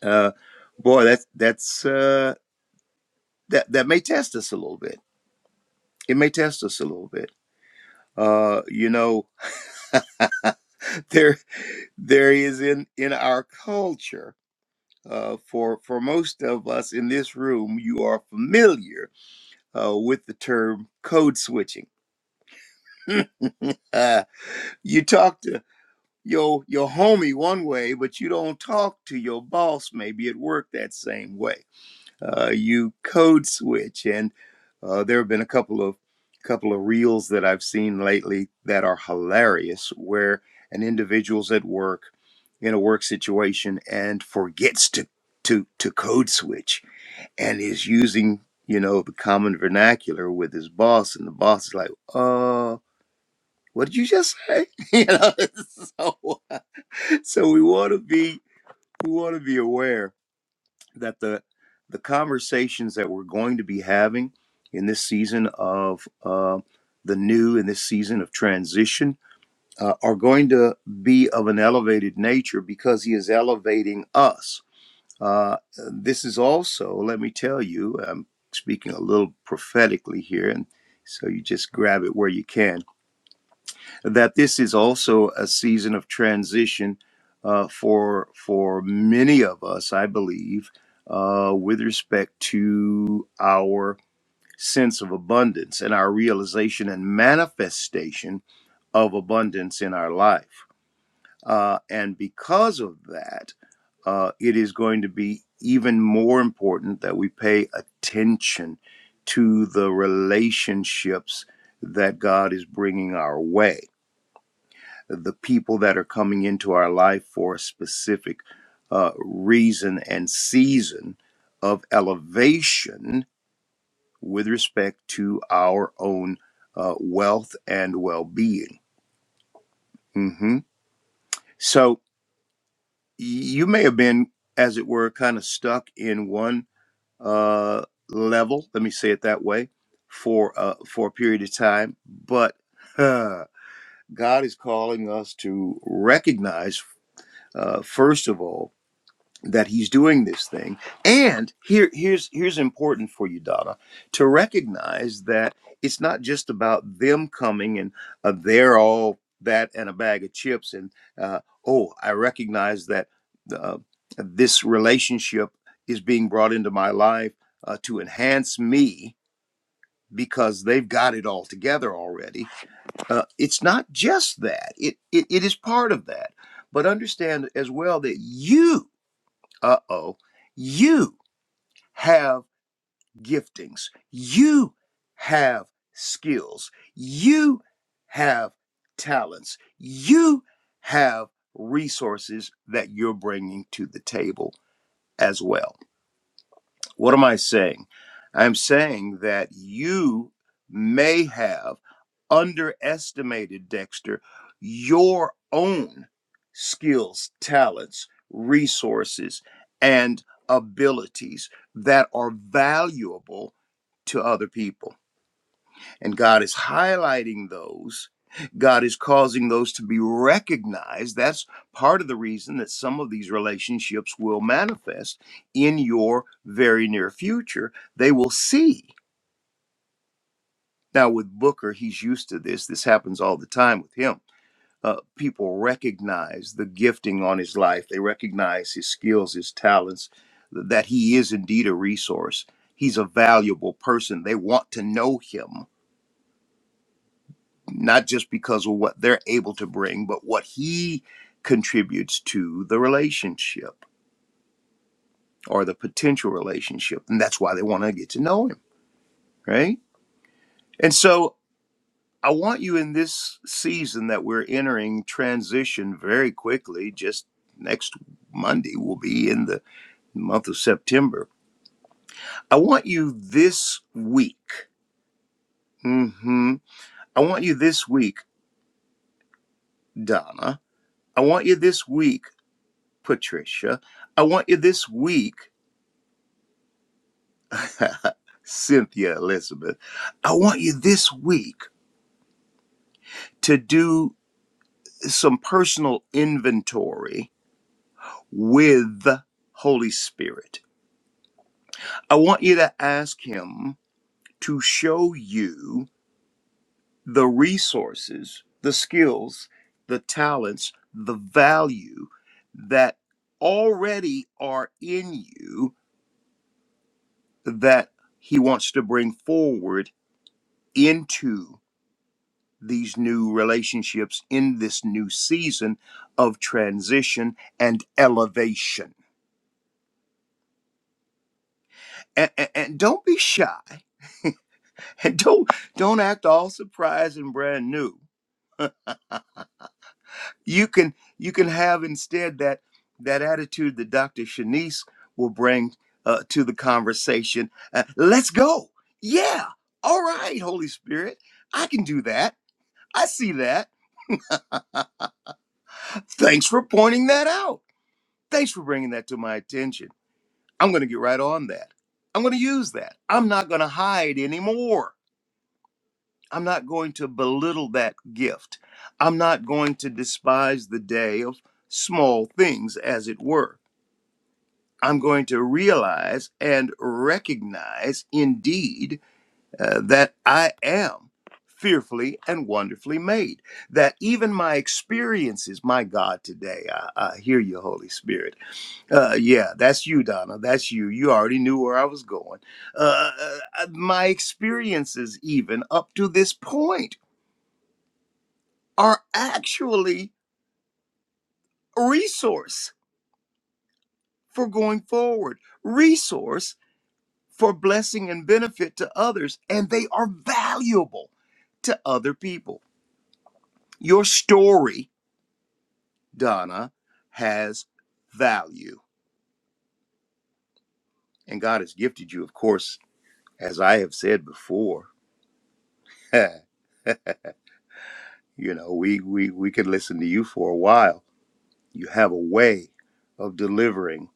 C: uh, boy, that's that's uh, that that may test us a little bit. It may test us a little bit. Uh, you know, there. there is in in our culture uh, for for most of us in this room you are familiar uh, with the term code switching uh, you talk to your your homie one way but you don't talk to your boss maybe at work that same way uh, you code switch. And uh, there have been a couple of couple of reels that I've seen lately that are hilarious, where an individual's at work in a work situation and forgets to to to code switch and is using you know the common vernacular with his boss, and the boss is like, "Uh, what did you just say?" you know, so so we want to be we want to be aware that the the conversations that we're going to be having in this season of uh, the new in this season of transition uh, are going to be of an elevated nature because he is elevating us uh, this is also let me tell you i'm speaking a little prophetically here and so you just grab it where you can that this is also a season of transition uh, for for many of us, I believe, uh, with respect to our sense of abundance and our realization and manifestation of abundance in our life. Uh, and because of that, uh, it is going to be even more important that we pay attention to the relationships that God is bringing our way the people that are coming into our life for a specific uh, reason and season of elevation with respect to our own uh, wealth and well being. hmm So you may have been, as it were, kind of stuck in one uh, level, let me say it that way, for, uh, for a period of time, but uh, God is calling us to recognize, uh, first of all, that he's doing this thing and here here's here's important for you donna to recognize that it's not just about them coming and uh, they're all that and a bag of chips and uh, oh i recognize that uh, this relationship is being brought into my life uh, to enhance me because they've got it all together already uh, it's not just that it, it it is part of that but understand as well that you uh oh. You have giftings. You have skills. You have talents. You have resources that you're bringing to the table as well. What am I saying? I'm saying that you may have underestimated, Dexter, your own skills, talents, resources, and abilities that are valuable to other people. And God is highlighting those. God is causing those to be recognized. That's part of the reason that some of these relationships will manifest in your very near future. They will see. Now, with Booker, he's used to this. This happens all the time with him. Uh, people recognize the gifting on his life, they recognize his skills, his talents, that he is indeed a resource. He's a valuable person. They want to know him not just because of what they're able to bring, but what he contributes to the relationship or the potential relationship. And that's why they want to get to know him, right? And so I want you in this season that we're entering transition very quickly, just next Monday, we'll be in the month of September. I want you this week, hmm I want you this week, Donna. I want you this week, Patricia. I want you this week. Cynthia Elizabeth, I want you this week to do some personal inventory with Holy Spirit. I want you to ask him to show you the resources, the skills, the talents, the value that already are in you that he wants to bring forward into these new relationships in this new season of transition and elevation. And, and, and don't be shy. and don't don't act all surprised and brand new. You can you can have instead that that attitude that Dr. Shanice will bring uh, to the conversation. Uh, let's go. Yeah. All right, Holy Spirit. I can do that. I see that. Thanks for pointing that out. Thanks for bringing that to my attention I'm going to get right on that. I'm going to use that. I'm not going to hide anymore. I'm not going to belittle that gift. I'm not going to despise the day of small things, as it were. I'm going to realize and recognize indeed uh, that I am fearfully and wonderfully made. That even my experiences, my God, today, I, I hear you, Holy Spirit uh, yeah, that's you, Donna. That's you. You already knew where I was going. Uh, uh, my experiences, even up to this point, are actually a resource for going forward, resource for blessing and benefit to others, and they are valuable to other people. Your story, Donna, has value, and God has gifted you, of course, as I have said before. You know, we, we, we could listen to you for a while. You have a way of delivering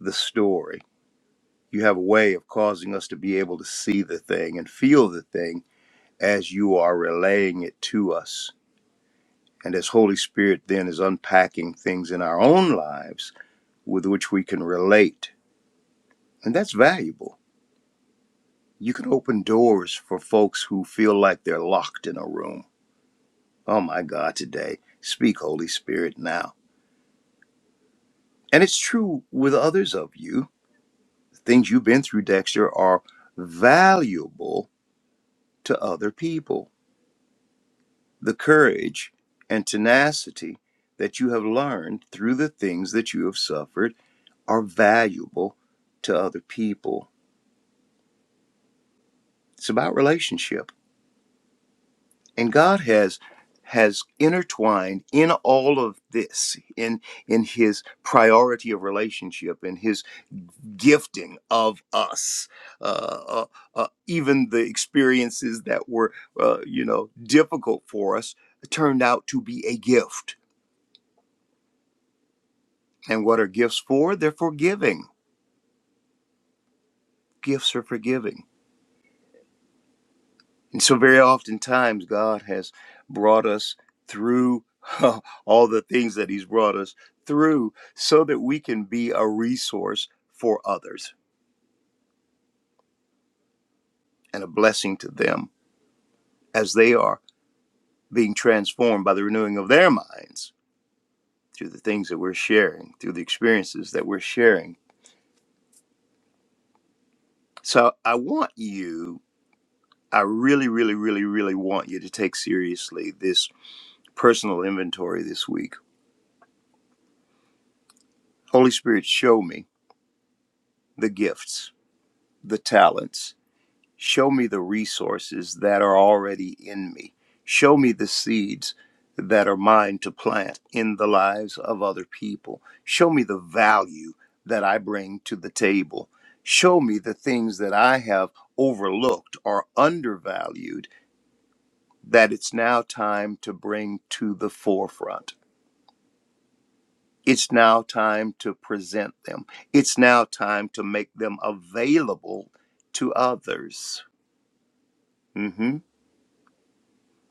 C: the story. You have a way of causing us to be able to see the thing and feel the thing as you are relaying it to us. And as Holy Spirit then is unpacking things in our own lives with which we can relate. And that's valuable. You can open doors for folks who feel like they're locked in a room. Oh my God, today, speak, Holy Spirit, now. And it's true with others of you things you've been through, Dexter, are valuable to other people. The courage and tenacity that you have learned through the things that you have suffered are valuable to other people. It's about relationship. And God has has intertwined in all of this in in his priority of relationship in His. gifting of us uh, uh, uh, even the experiences that were uh, you know difficult for us turned out to be a gift and what are gifts for they're for giving gifts are for giving and so very oftentimes god has brought us through all the things that he's brought us through so that we can be a resource for others and a blessing to them as they are being transformed by the renewing of their minds through the things that we're sharing, through the experiences that we're sharing. So I want you, I really, really, really, really want you to take seriously this personal inventory this week. Holy Spirit, show me the gifts, the talents, Show me the resources that are already in me. Show me the seeds that are mine to plant in the lives of other people. Show me the value that I bring to the table. Show me the things that I have overlooked or undervalued that it's now time to bring to the forefront. It's now time to present them. It's now time to make them available to others. hmm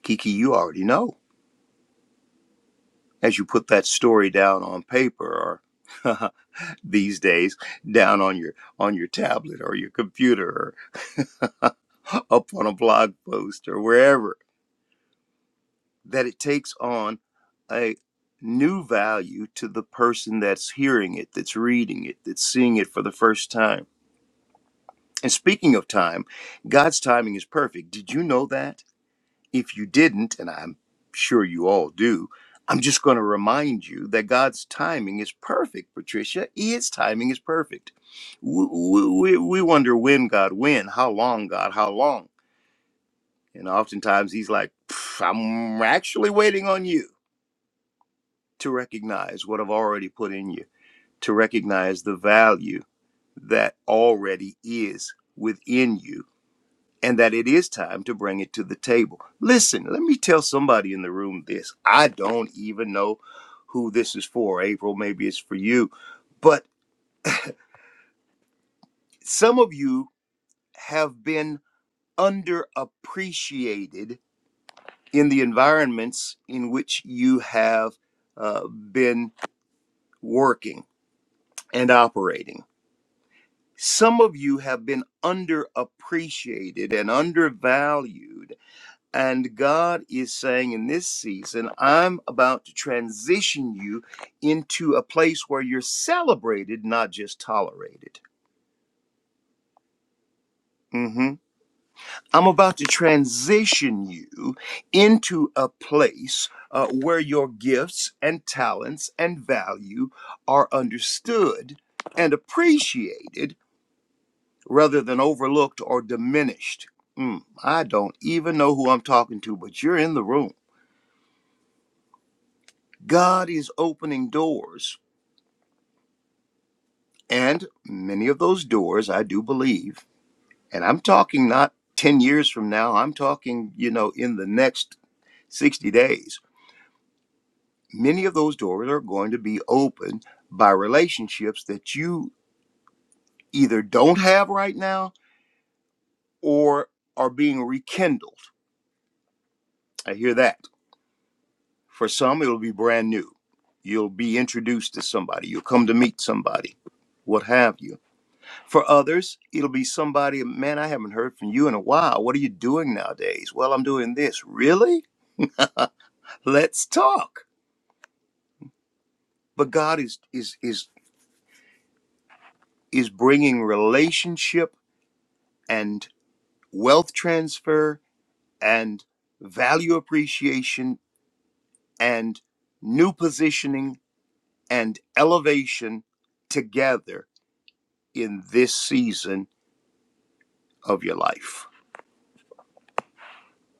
C: Kiki, you already know. as you put that story down on paper or these days down on your on your tablet or your computer or up on a blog post or wherever that it takes on a new value to the person that's hearing it that's reading it that's seeing it for the first time and speaking of time god's timing is perfect did you know that If you didn't, and I'm sure you all do, I'm just going to remind you that God's timing is perfect, Patricia. His timing is perfect. We, we, we wonder when God, when, how long, God, how long. And oftentimes he's like, "Pff, I'm actually waiting on you to recognize what I've already put in you, to recognize the value that already is within you and that it is time to bring it to the table. Listen, let me tell somebody in the room this. I don't even know who this is for. April, maybe it's for you. But some of you have been underappreciated in the environments in which you have uh, been working and operating. Some of you have been underappreciated and undervalued And God is saying in this season, I'm about to transition you into a place where you're celebrated, not just tolerated. Mhm. I'm about to transition you into a place uh, where your gifts and talents and value are understood and appreciated rather than overlooked or diminished. Mm, I don't even know who I'm talking to, but you're in the room. God is opening doors And many of those doors, I do believe, and I'm talking not 10 years from now, I'm talking, you know, in the next 60 days, many of those doors are going to be opened by relationships that you either don't have right now or are being rekindled. I hear that. For some, it'll be brand new. You'll be introduced to somebody, you'll come to meet somebody, what have you For others, it'll be somebody, man, I haven't heard from you in a while. What are you doing nowadays? Well, I'm doing this. Really? Let's talk. But God is is is is bringing relationship and wealth transfer and value appreciation and new positioning and elevation together in this season of your life.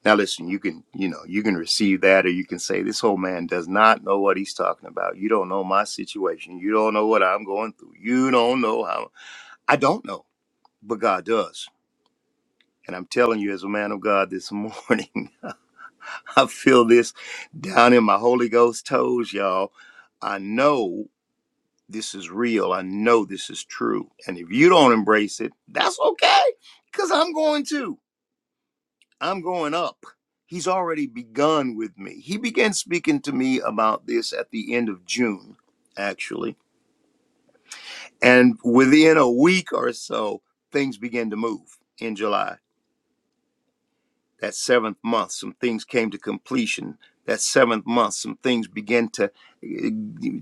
C: Now, listen, you can, you know, you can receive that or you can say, this old man does not know what he's talking about. You don't know my situation. You don't know what I'm going through. You don't know how. I don't know, but God does. And I'm telling you, as a man of God this morning, I feel this down in my Holy Ghost toes, y'all. I know this is real. I know this is true. And if you don't embrace it, that's okay, because I'm going to. I'm going up. He's already begun with me. He began speaking to me about this at the end of June, actually. And within a week or so, things began to move in July. That seventh month, some things came to completion. That seventh month, some things began to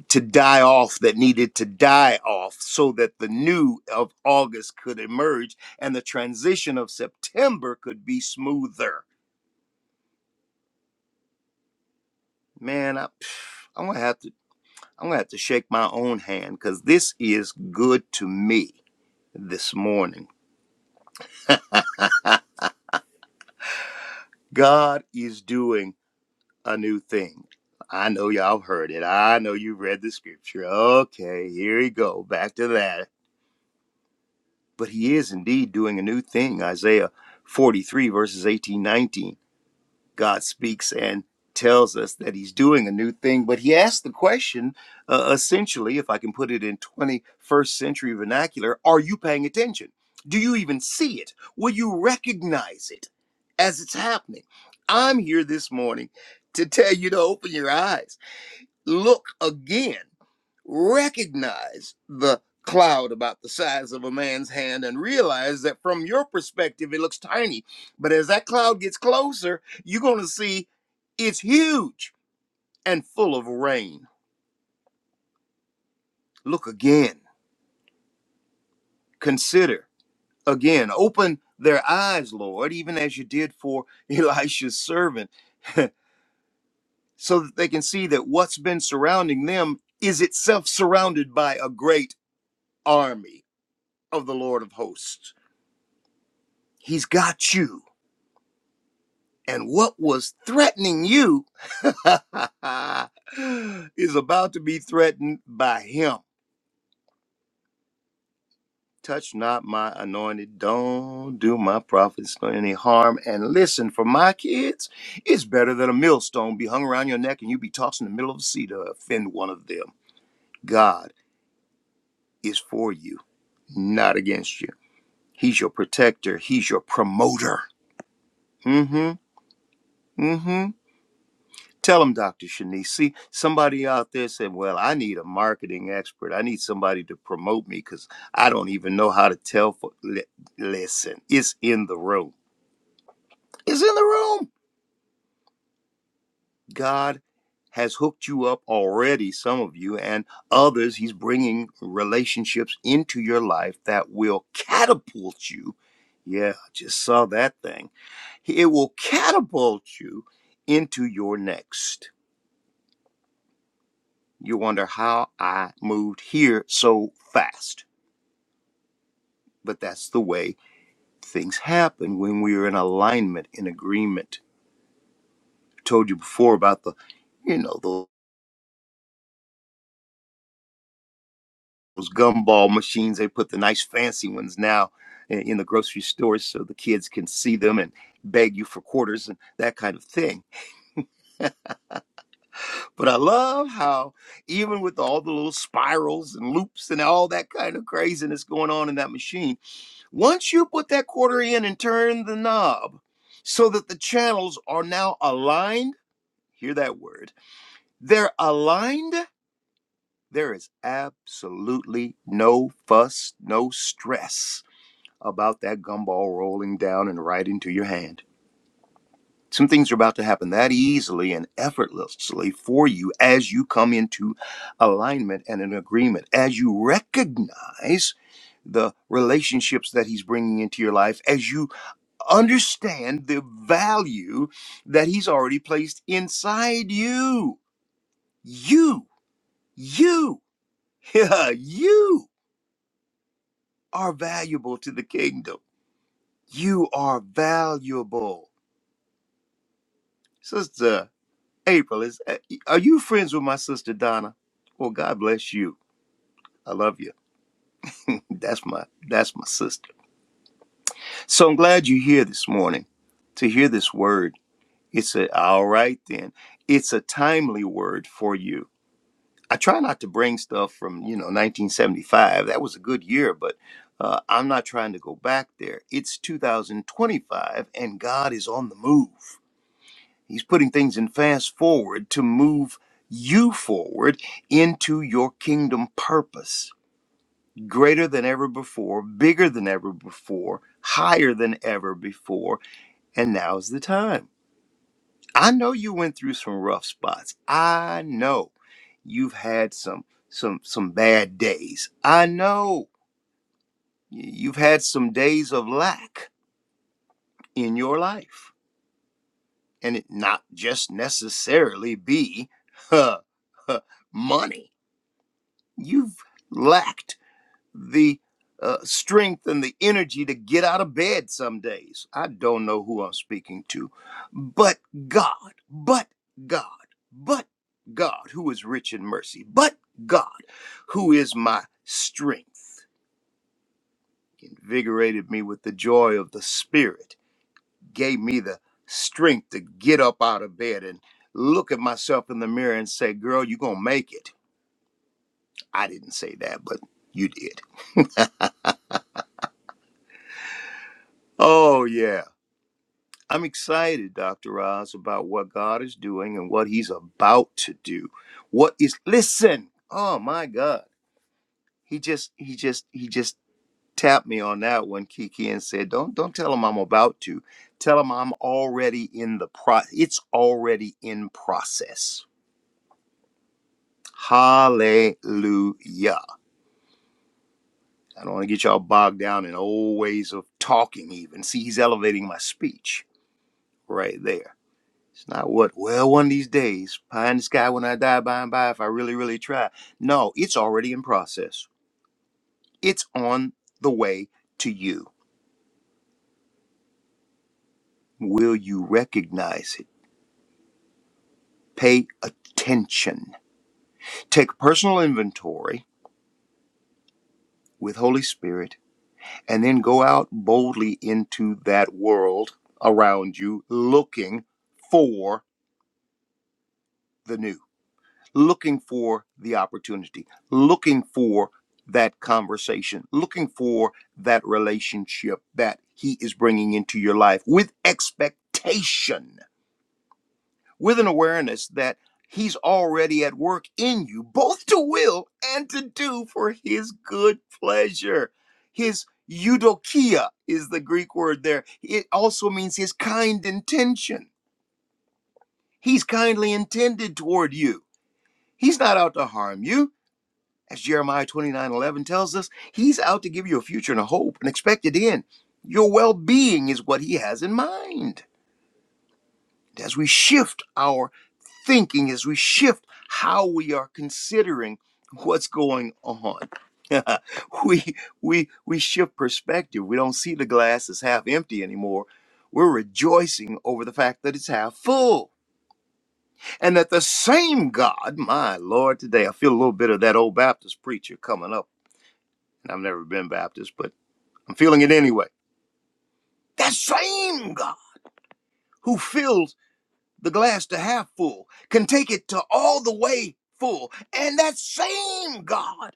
C: to die off that needed to die off so that the new of August could emerge and the transition of September could be smoother. Man, I, I'm gonna have to. I'm going to have to shake my own hand because this is good to me this morning. God is doing a new thing. I know y'all heard it. I know you read the scripture. Okay, here we go. Back to that. But he is indeed doing a new thing. Isaiah 43, verses 18, 19. God speaks and tells us that he's doing a new thing. But he asked the question, uh, essentially, if I can put it in 21st century vernacular, are you paying attention? Do you even see it? Will you recognize it as it's happening? I'm here this morning to tell you to open your eyes look again, recognize the cloud about the size of a man's hand and realize that from your perspective it looks tiny. But as that cloud gets closer, you're going to see it's huge and full of rain. Look again, consider again, open their eyes, Lord, even as you did for Elisha's servant, so that they can see that what's been surrounding them is itself surrounded by a great army of the Lord of hosts. He's got you. And what was threatening you is about to be threatened by him. Touch not my anointed. Don't do my prophets any harm. And listen, for my kids, it's better than a millstone be hung around your neck and you be tossed in the middle of the sea to offend one of them. God is for you, not against you. He's your protector. He's your promoter. Mm-hmm. Mm-hmm. Tell them, Dr. Shanice. See, somebody out there said, Well, I need a marketing expert. I need somebody to promote me because I don't even know how to tell. For... Li- Listen, it's in the room. It's in the room. God has hooked you up already, some of you, and others. He's bringing relationships into your life that will catapult you. Yeah, I just saw that thing. It will catapult you into your next. You wonder how I moved here so fast. But that's the way things happen when we are in alignment, in agreement. I told you before about the, you know, tho- those gumball machines. They put the nice fancy ones now i- in the grocery stores so the kids can see them and beg you for quarters and that kind of thing. But I love how, even with all the little spirals and loops and all that kind of craziness going on in that machine, Once you put that quarter in and turn the knob so that the channels are now aligned, hear that word, they're aligned, there is absolutely no fuss, no stress about that gumball rolling down and right into your hand. Some things are about to happen that easily and effortlessly for you as you come into alignment and an agreement, as you recognize the relationships that he's bringing into your life, as you understand the value that he's already placed inside you. You, you, yeah, you are valuable to the kingdom. You are valuable. Sister April, is are you friends with my sister Donna? Well, God bless you. I love you. that's my that's my sister. So I'm glad you're here this morning to hear this word. It's a all right then. It's a timely word for you I try not to bring stuff from you know 1975. That was a good year, but uh, I'm not trying to go back there. It's 2025, and God is on the move. He's putting things in fast forward to move you forward into your kingdom purpose, greater than ever before, bigger than ever before, higher than ever before, and now's the time. I know you went through some rough spots. I know you've had some some some bad days. I know you've had some days of lack in your life. And it not just necessarily be huh, huh, money. You've lacked the uh, strength and the energy to get out of bed some days. I don't know who I'm speaking to, but God, but God, but God, who is rich in mercy, but God, who is my strength, invigorated me with the joy of the Spirit, gave me the strength to get up out of bed and look at myself in the mirror and say, Girl, you're going to make it. I didn't say that, but you did. Oh, yeah. I'm excited, Dr. Oz, about what God is doing and what he's about to do. What is listen, oh my God. He just he just he just tapped me on that one, Kiki, and said, Don't don't tell him I'm about to. Tell him I'm already in the pro it's already in process. Hallelujah. I don't want to get y'all bogged down in old ways of talking even. See, he's elevating my speech right there It's not what, well, one of these days, pie in the sky when I die by and by, if I really, really try. No, it's already in process. It's on the way to you. Will you recognize it? Pay attention. Take personal inventory with Holy Spirit and then go out boldly into that world around you looking for the new. looking for the opportunity, looking for that conversation, looking for that relationship that he is bringing into your life with expectation, with an awareness that he's already at work in you, both to will and to do for his good pleasure. His eudokia is the Greek word there. It also means his kind intention. He's kindly intended toward you. He's not out to harm you. As Jeremiah 29 11 tells us, he's out to give you a future and a hope, an expected end. Your well being is what he has in mind. As we shift our thinking, as we shift how we are considering what's going on, we, we, we shift perspective. We don't see the glass as half empty anymore. We're rejoicing over the fact that it's half full. And that the same God, my Lord, today, I feel a little bit of that old Baptist preacher coming up And I've never been Baptist, but I'm feeling it anyway. That same God who fills the glass to half full can take it to all the way full. And that same God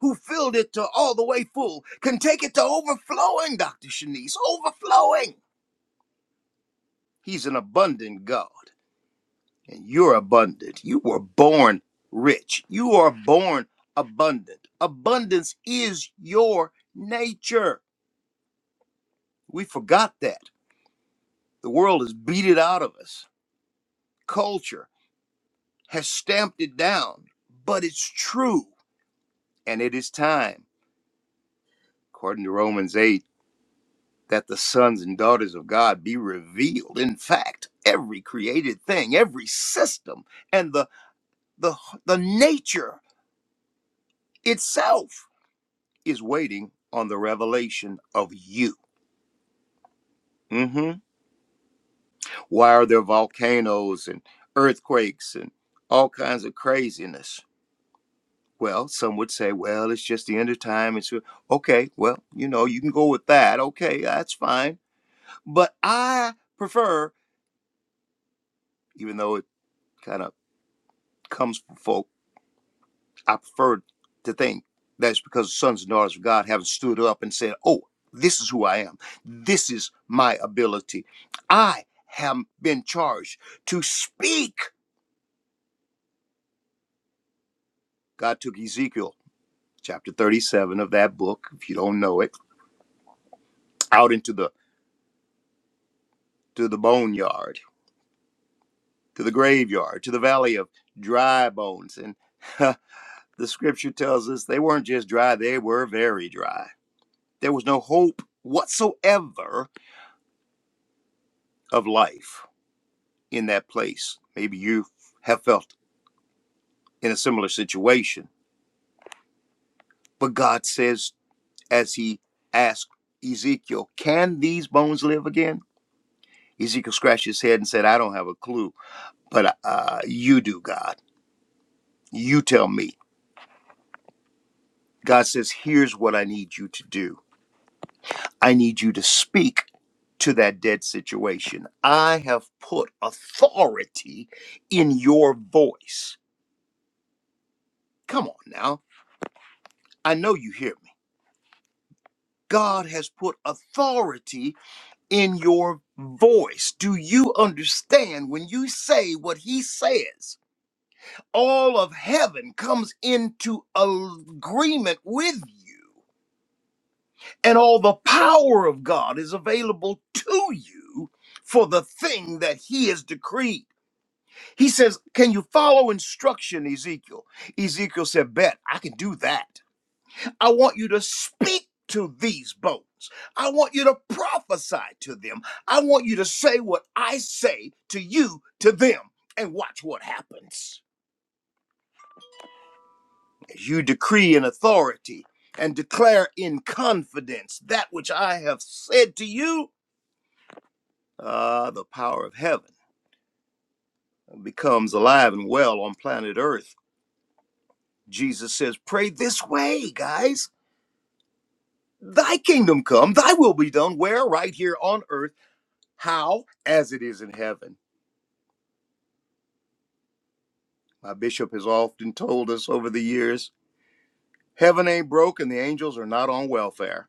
C: who filled it to all the way full can take it to overflowing, Dr. Shanice, overflowing. He's an abundant God, and you're abundant. You were born rich, you are born abundant. Abundance is your nature. We forgot that. The world has beat it out of us. Culture has stamped it down, but it's true. And it is time, according to Romans 8, that the sons and daughters of God be revealed. In fact, every created thing, every system, and the, the, the nature itself is waiting on the revelation of you. hmm Why are there volcanoes and earthquakes and all kinds of craziness? Well, some would say, well, it's just the end of time. It's uh, okay. Well, you know, you can go with that. Okay, that's fine. But I prefer, even though it kind of comes from folk, I prefer to think that's because the sons and daughters of God haven't stood up and said, oh, this is who I am. This is my ability. I have been charged to speak. God took Ezekiel chapter 37 of that book, if you don't know it, out into the to the boneyard to the graveyard, to the valley of dry bones. And uh, the scripture tells us they weren't just dry, they were very dry. There was no hope whatsoever of life in that place. Maybe you have felt in a similar situation. But God says, as he asked Ezekiel, Can these bones live again? Ezekiel scratched his head and said, I don't have a clue, but uh, you do, God. You tell me. God says, Here's what I need you to do. I need you to speak to that dead situation. I have put authority in your voice. Come on now. I know you hear me. God has put authority in your voice. Do you understand when you say what he says? All of heaven comes into agreement with you, and all the power of God is available to you for the thing that he has decreed. He says, Can you follow instruction, Ezekiel? Ezekiel said, Bet, I can do that. I want you to speak to these bones. I want you to prophesy to them. I want you to say what I say to you, to them, and watch what happens. As you decree in authority and declare in confidence that which I have said to you, ah, the power of heaven becomes alive and well on planet Earth. Jesus says, Pray this way, guys. Thy kingdom come, thy will be done, where? Right here on earth. How? As it is in heaven. My bishop has often told us over the years heaven ain't broke and the angels are not on welfare.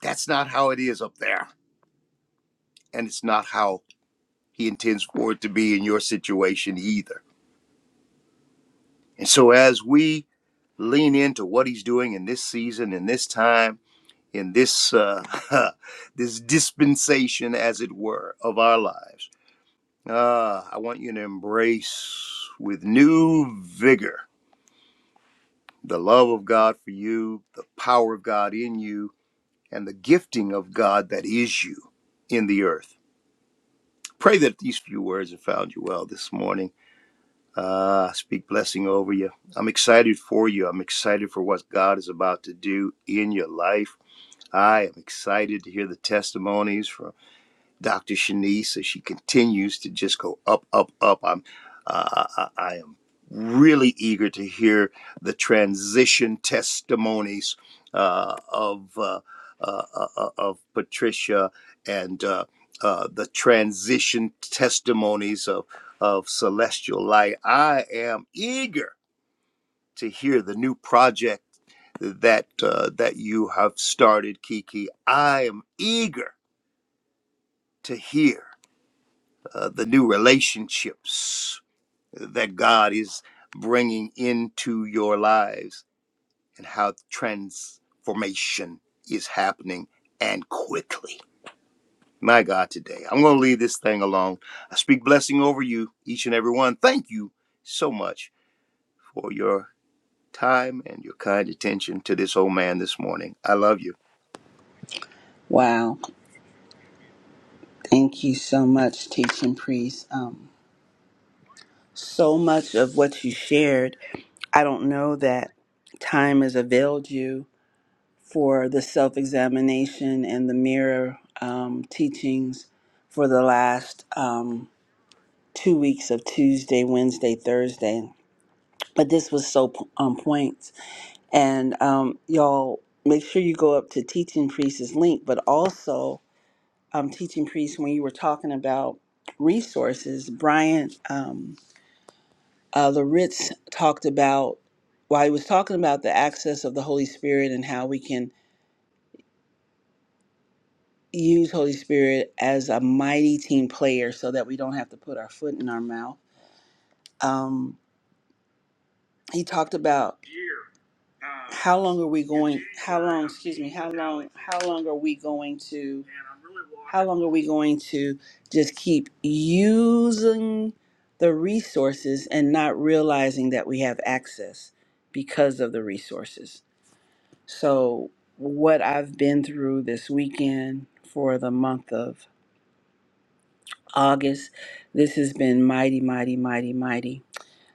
C: That's not how it is up there. And it's not how he intends for it to be in your situation either. And so as we lean into what he's doing in this season, in this time, in this uh, this dispensation, as it were, of our lives Ah, I want you to embrace with new vigor the love of God for you, the power of God in you, and the gifting of God that is you in the earth. Pray that these few words have found you well this morning. Ah, I speak blessing over you. I'm excited for you. I'm excited for what God is about to do in your life. I am excited to hear the testimonies from. Dr. Shanice as she continues to just go up, up, up. I'm, uh, I, I I am really eager to hear the transition testimonies uh, of uh, uh, uh, uh, of Patricia and uh, uh, the transition testimonies of of Celestial Light. I am eager to hear the new project that uh, that you have started, Kiki. I am eager to hear uh, the new relationships that God is bringing into your lives and how transformation is happening and quickly. My God, today, I'm going to leave this thing alone. I speak blessing over you, each and every one. Thank you so much for your time and your kind attention to this old man this morning. I love you.
A: Wow. Thank you so much, teaching priest. Um, so much of what you shared, I don't know that time has availed you for the self examination and the mirror um, teachings for the last um, two weeks of Tuesday, Wednesday, Thursday. But this was so p- on point. And um, y'all make sure you go up to Teaching Priest's link, but also um, Teaching Priest, when you were talking about resources, Brian um, uh, Laritz talked about, while he was talking about the access of the Holy Spirit and how we can use Holy Spirit as a mighty team player so that we don't have to put our foot in our mouth. Um, he talked about how long are we going how long excuse me how long how long are we going to how long are we going to just keep using the resources and not realizing that we have access because of the resources so what i've been through this weekend for the month of august this has been mighty mighty mighty mighty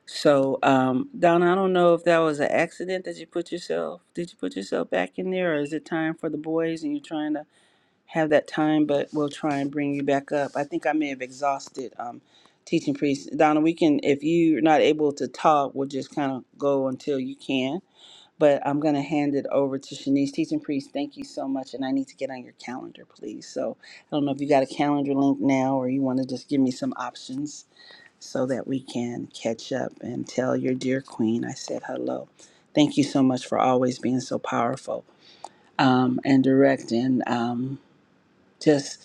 A: so, um, Donna, I don't know if that was an accident that you put yourself, did you put yourself back in there, or is it time for the boys and you're trying to have that time, but we'll try and bring you back up. I think I may have exhausted um, teaching priests. Donna, we can, if you're not able to talk, we'll just kind of go until you can. But I'm going to hand it over to Shanice. Teaching priest, thank you so much. And I need to get on your calendar, please. So I don't know if you got a calendar link now or you want to just give me some options so that we can catch up and tell your dear queen I said hello. Thank you so much for always being so powerful um, and direct and um, just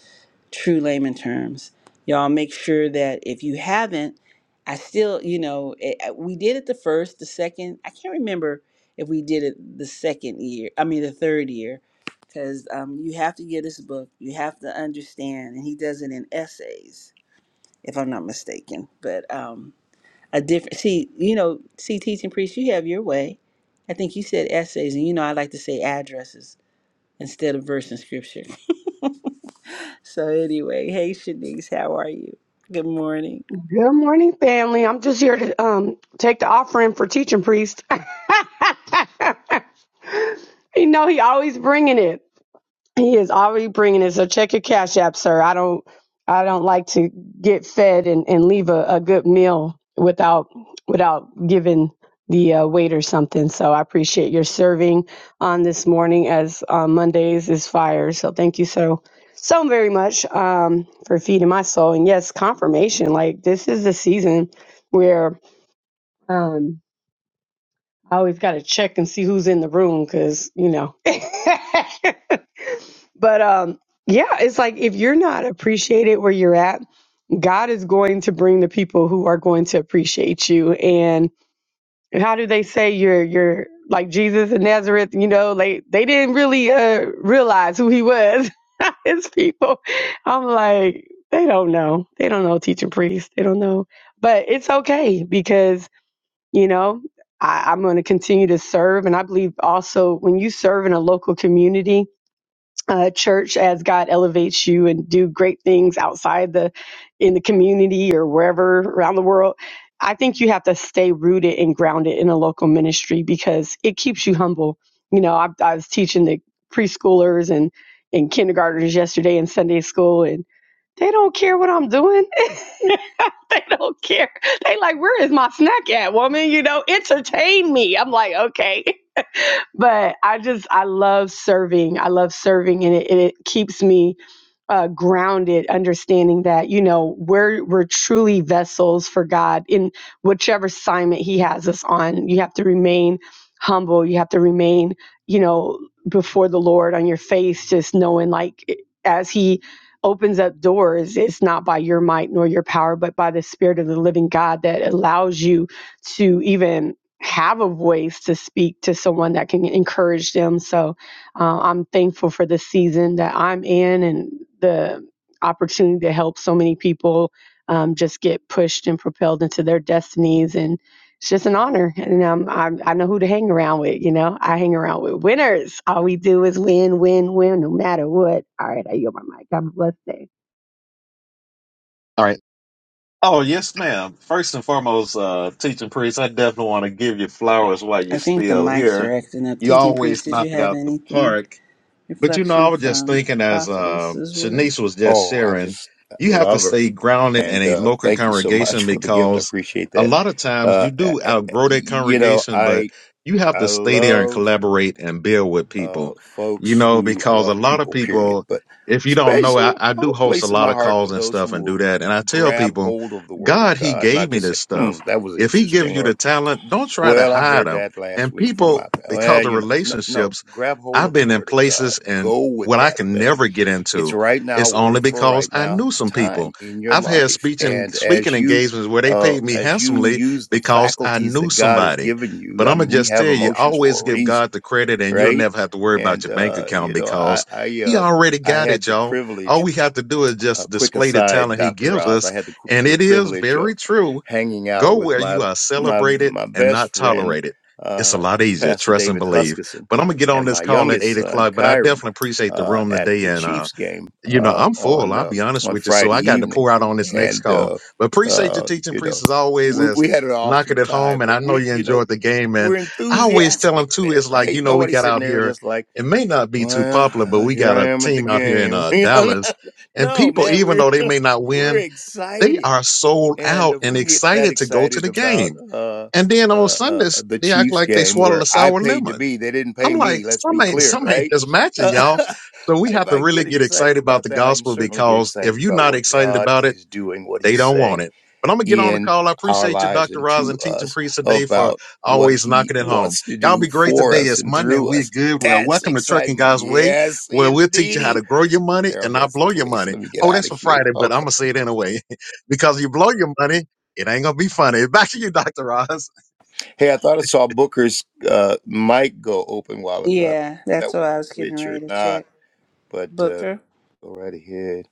A: true layman terms. Y'all make sure that if you haven't, I still, you know, it, we did it the first, the second. I can't remember if we did it the second year, I mean, the third year, because um, you have to get this book. You have to understand. And he does it in essays, if I'm not mistaken. But, um, a different see you know see teaching priest you have your way i think you said essays and you know i like to say addresses instead of verse and scripture so anyway hey shanice how are you good morning
D: Good morning, family. I'm just here to um take the offering for teaching priest. you know he always bringing it. He is already bringing it. So check your cash app, sir. I don't, I don't like to get fed and, and leave a, a good meal without, without giving the uh, waiter something. So I appreciate your serving on this morning as uh, Mondays is fire. So thank you so, so very much um, for feeding my soul. And yes, confirmation. Like this is the season where um, I always got to check and see who's in the room because, you know. But um yeah, it's like if you're not appreciated where you're at, God is going to bring the people who are going to appreciate you. And how do they say you're you're like Jesus of Nazareth, you know, they they didn't really uh realize who he was. His people. I'm like, they don't know. They don't know teaching priests. They don't know. But it's okay because, you know, I, I'm gonna continue to serve and I believe also when you serve in a local community uh, church as God elevates you and do great things outside the in the community or wherever around the world. I think you have to stay rooted and grounded in a local ministry because it keeps you humble. You know, I, I was teaching the preschoolers and and kindergartners yesterday in Sunday school, and they don't care what I'm doing. they don't care. They like, where is my snack at, woman? You know, entertain me. I'm like, okay. but I just I love serving. I love serving, and it, it keeps me uh, grounded, understanding that you know we're we're truly vessels for God in whichever assignment He has us on. You have to remain humble. You have to remain, you know, before the Lord on your face, just knowing like as He opens up doors it's not by your might nor your power but by the spirit of the living god that allows you to even have a voice to speak to someone that can encourage them. So uh, I'm thankful for the season that I'm in and the opportunity to help so many people um, just get pushed and propelled into their destinies. And it's just an honor. And um, I, I know who to hang around with. You know, I hang around with winners. All we do is win, win, win, no matter what. All right, I yield my mic. Have a blessed day.
B: All right. Oh, yes, ma'am. First and foremost, uh, teaching priest, I definitely want to give you flowers while you're
A: i think the
B: still
A: mics
B: here.
A: are acting up
B: You
A: teaching priest
B: always
A: did
B: knock
A: you
B: it
A: have
B: out the
A: anything
B: park. But you know, I
A: reflection
B: was just
A: from
B: thinking as um
A: prophetess's word
B: Shanice was just
C: Oh, I
B: sharing,
C: just
B: you have to
C: love her.
B: stay grounded in
C: And
B: a
C: uh,
B: local
C: thank you so much
B: congregation
C: for the gift. I
B: because
C: appreciate
B: a
C: that.
B: lot of times
C: Uh,
B: you do outgrow that
C: you know,
B: congregation,
C: I.
B: but you have
C: I
B: to stay there and
C: love
B: collaborate and build with
C: uh,
B: people. You
C: folks
B: know,
C: who I
B: because a
C: love
B: lot of
C: people, period.
B: people,
C: But
B: if you don't know, I,
C: special
B: I
C: uh,
B: do host a
C: place in
B: lot
C: my
B: of
C: heart for
B: calls and
C: those who
B: stuff and do
C: will
B: that. And I tell
C: grab
B: people,
C: hold of the Word of
B: God, He
C: God,
B: gave
C: not
B: me
C: just say,
B: this
C: "Hmm,
B: stuff.
C: that was
B: If He gives
C: interesting,"
B: you the
C: or
B: talent, don't try to
C: "Well, I
B: hide
C: heard
B: them.
C: that last
B: And
C: week from
B: people,
C: my." Well,
B: because of
C: you know, no,
B: relationships,
C: no, grab hold
B: I've
C: of the
B: been in
C: Word of God.
B: places and
C: Go with
B: what I
C: that
B: can
C: thing.
B: never get
C: It's
B: into.
C: right now
B: It's only
C: word for
B: because
C: right
B: I
C: now
B: knew some people.
C: time in your
B: I've had
C: life,
B: speech and
C: and
B: speaking
C: as you.
B: engagements where they
C: Uh,
B: paid me
C: as you
B: handsomely
C: use the
B: because I
C: faculties
B: knew
C: that God has
B: somebody.
C: given
B: But
C: you, I
B: I'm gonna
C: mean, we
B: just
C: have
B: tell you,
C: emotions
B: always
C: for a
B: give
C: reason
B: God the credit, and you'll
C: right?
B: never have to worry about
C: And
B: your bank
C: uh,
B: account
C: you know, I
B: because
C: I
B: He
C: uh,
B: already
C: I
B: got it,
C: had the
B: y'all. All
C: privilege
B: we have to do is just
C: a quick
B: display the
C: aside,
B: talent He
C: Dr.
B: gives
C: Oz. I
B: us,
C: had the
B: and
C: the
B: it is
C: privilege
B: very
C: of
B: true
C: hanging out
B: Go
C: with
B: where
C: my
B: you are
C: my
B: celebrated
C: my
B: and
C: best
B: not
C: friend,
B: tolerated. It's a
C: uh,
B: lot easier,
C: Pastor
B: trust and
C: David
B: believe.
C: Huskisson,
B: But I'm gonna get on
C: and
B: this
C: my
B: call at
C: youngest
B: eight
C: son,
B: o'clock. But I
C: Kyron,
B: definitely appreciate the
C: uh,
B: room
C: at
B: today,
C: the
B: and uh,
C: Chiefs game
B: you know
C: uh,
B: I'm full.
C: on
B: I'll
C: uh,
B: be honest
C: on
B: with you, so
C: Friday
B: I got to
C: evening,
B: pour out on this next
C: and
B: call.
C: uh,
B: But appreciate your
C: uh,
B: teaching,
C: you
B: priest,
C: know
B: as always,
C: we,
B: as
C: we had an
B: knocking
C: awesome
B: it home.
C: time.
B: And I
C: But
B: know
C: we,
B: you
C: you know,
B: enjoyed the game, and
C: we're
B: I always tell them
C: enthusiastic
B: too.
C: there,
B: It's like
C: right?
B: you know we
C: Nobody's
B: got
C: sitting
B: out
C: there
B: here.
C: just like
B: It may not be too
C: well,
B: popular, but
C: uh,
B: we
C: here
B: got
C: I
B: a
C: am at the
B: team out here in
C: game.
B: uh,
C: you know,
B: Dallas,
C: not-
B: and
C: no,
B: people,
C: man,
B: even
C: we're
B: though they may not
C: we're
B: win, they
C: excited,
B: are sold
C: and
B: out
C: if
B: and
C: we can get that
B: excited to go to
C: excited
B: the
C: about
B: game.
C: uh,
B: And
C: uh,
B: then on
C: uh,
B: Sundays,
C: uh, the
B: they act
C: Chiefs
B: like they
C: game,
B: swallowed
C: where
B: a
C: I
B: sour
C: paid to
B: lemon.
C: be, they didn't
B: I'm
C: pay
B: like,
C: me. Let's
B: some
C: be
B: ain't,
C: clear,
B: some ain't
C: right?
B: just matching,
C: Uh,
B: y'all. So we
C: if
B: have to
C: I
B: really
C: get
B: get excited
C: excited
B: about
C: about
B: the
C: that, I can
B: gospel
C: certainly get
B: because
C: excited
B: if you're
C: about
B: not
C: what
B: excited
C: God
B: about it,
C: is doing, what
B: they
C: He's
B: don't want
C: saying
B: it. But I'm gonna get on the
C: in
B: call. I
C: our
B: appreciate you,
C: lives
B: Dr.
C: and
B: Roz,
C: to
B: and teaching
C: us
B: priest today for
C: about what
B: always
C: he
B: knocking it home.
C: wants to
B: Y'all
C: do
B: be great
C: for
B: today.
C: us
B: It's
C: and
B: Monday. and
C: through
B: We're
C: us.
B: good. Well,
C: That's
B: welcome to Trucking
C: excitement.
B: Guys Way,
C: Yes,
B: where we'll teach you how to
C: indeedy.
B: grow your money and not
C: Arrowhead's the
B: blow your
C: place.
B: money.
C: Let me get
B: Oh,
C: out
B: that's
C: of
B: for
C: here.
B: Friday, but I'm
C: Okay.
B: gonna say it anyway because you blow your money, it ain't gonna be funny. Back to you, Dr. Roz.
C: Hey, I thought I saw Booker's uh, mic go open a while ago.
A: yeah
C: That
A: that's
C: was
A: what i was getting
C: Rich or
A: ready to
C: not,
A: check
C: but uh,
A: booker
C: go right ahead,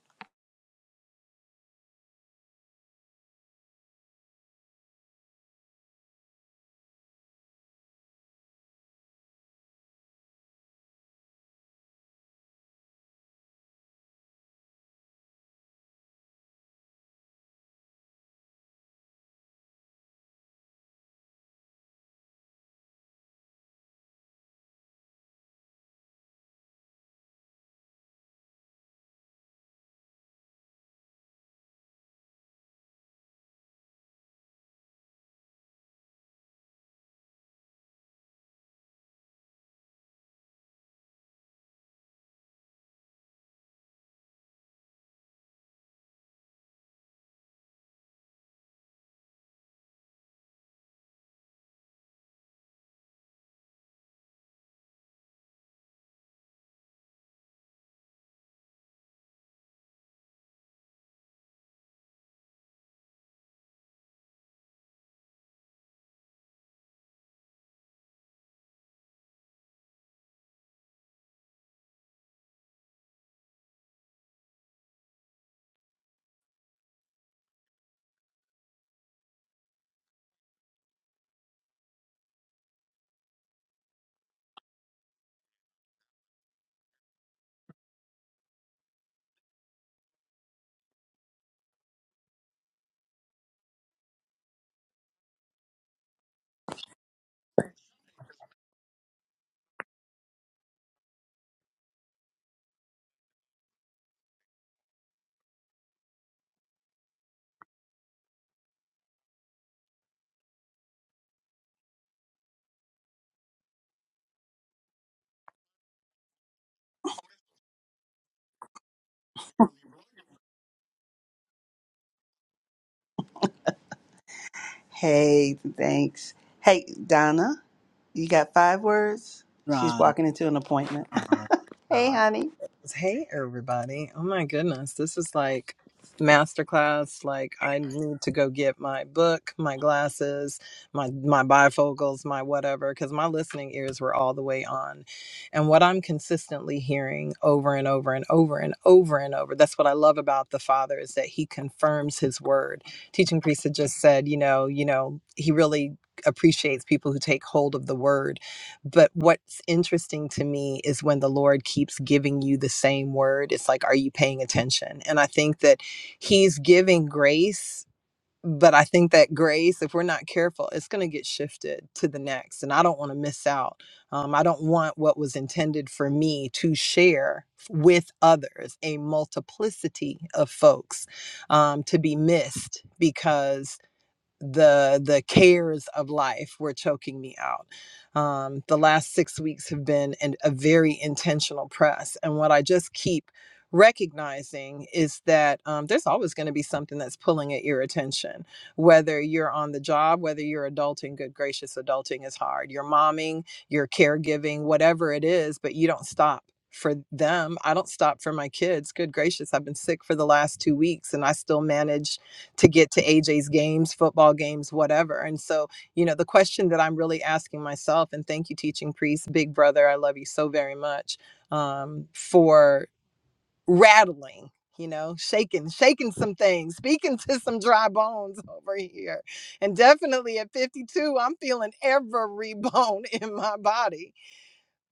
A: hey thanks hey donna you got five words she's
E: Right,
A: walking into an appointment
E: right,
A: hey
E: right.
A: honey
E: Hey, everybody. Oh, my goodness. This is like masterclass. Like, I need to go get my book, my glasses, my, my bifocals, my whatever, because my listening ears were all the way on. And what I'm consistently hearing over and over and over and over and over, that's what I love about the Father is that he confirms his word. Teaching priest had just said, you know, you know, he really appreciates people who take hold of the word but what's interesting to me is when the Lord keeps giving you the same word, it's like, are you paying attention? And I think that He's giving grace, but I think that grace, if we're not careful, it's going to get shifted to the next. And I don't want to miss out. Um, I don't want what was intended for me to share with others, a multiplicity of folks, um, to be missed because the the cares of life were choking me out. Um, the last six weeks have been an, a very intentional press, and what I just keep recognizing is that um, there's always going to be something that's pulling at your attention, whether you're on the job, whether you're adulting. Good gracious, adulting is hard. You're momming, you're caregiving, whatever it is, but you don't stop. For them, I don't stop for my kids. Good gracious, I've been sick for the last two weeks and I still manage to get to AJ's games, football games, whatever. And so, you know, the question that I'm really asking myself, and thank you, teaching priest, big brother, I love you so very much um, for rattling. You know, shaking, shaking some things, speaking to some dry bones over here. And definitely at 52, I'm feeling every bone in my body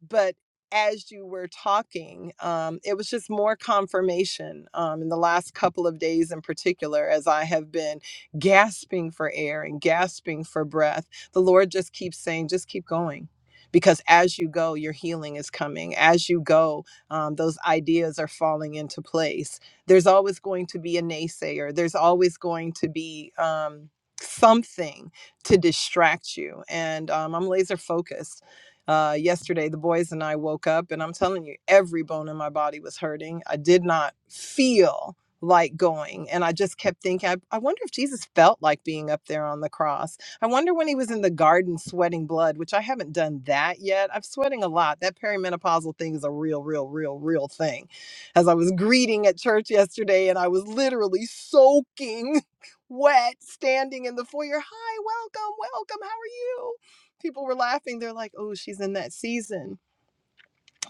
E: but as you were talking, um, it was just more confirmation um, in the last couple of days, in particular, as I have been gasping for air and gasping for breath. The Lord just keeps saying, just keep going. Because as you go, your healing is coming. As you go, um, those ideas are falling into place. There's always going to be a naysayer, there's always going to be um, something to distract you. And um, I'm laser focused uh, yesterday, the boys and I woke up, and I'm telling you, every bone in my body was hurting. I did not feel like going. And I just kept thinking, I, I wonder if Jesus felt like being up there on the cross. I wonder when he was in the garden sweating blood, which I haven't done that yet. I'm sweating a lot. That perimenopausal thing is a real, real, real, real thing. As I was greeting at church yesterday, and I was literally soaking wet, standing in the foyer. Hi, welcome, welcome. How are you? people were laughing. They're like, oh, she's in that season.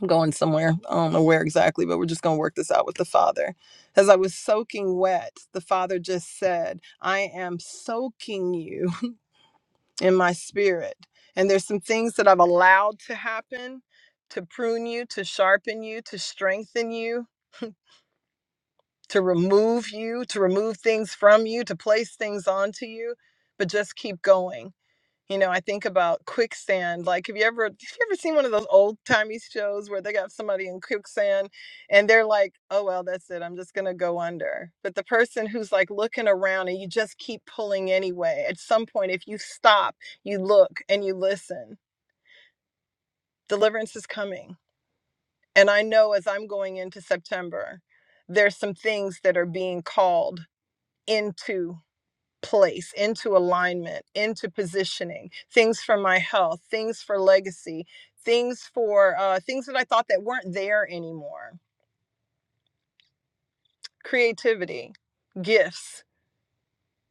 E: I'm going somewhere. I don't know where exactly, but we're just going to work this out with the father. As I was soaking wet, the father just said, I am soaking you in my spirit. And there's some things that I've allowed to happen to prune you, to sharpen you, to strengthen you, to remove you, to remove things from you, to place things onto you. But just keep going You know, I think about quicksand. Like, have you ever have you ever seen one of those old timey shows where they got somebody in quicksand and they're like, "Oh well, that's it. I'm just gonna go under." But the person who's like looking around and you just keep pulling anyway. At some point, if you stop, you look and you listen, deliverance is coming. And I know as I'm going into September, there's some things that are being called into. place, into alignment, into positioning, things for my health, things for legacy, things for uh, things that I thought that weren't there anymore. Creativity, gifts,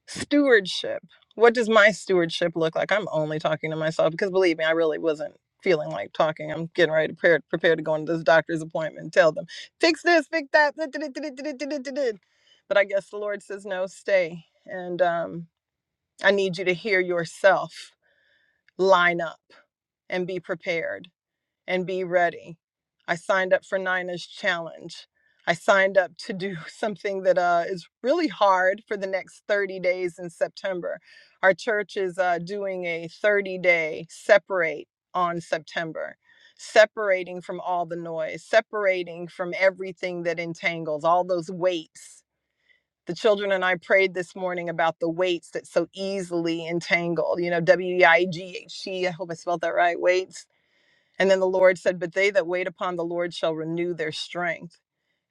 E: stewardship. What does my stewardship look like? I'm only talking to myself because believe me, I really wasn't feeling like talking. I'm getting ready to prepare, prepare to go into this doctor's appointment. and Tell them, fix this, fix that. da- da- da- da- da- da- da- da- da. But I guess the Lord says, no, stay. And um, I need you to hear yourself line up and be prepared and be ready. I signed up for Nina's challenge. I signed up to do something that uh, is really hard for the next 30 days in September. Our church is uh, doing a 30 day separate on September, separating from all the noise, separating from everything that entangles, all those weights the children and I prayed this morning about the weights that so easily entangle, you know, W E I G H T, I hope I spelled that right, weights. And then the Lord said, But they that wait upon the Lord shall renew their strength.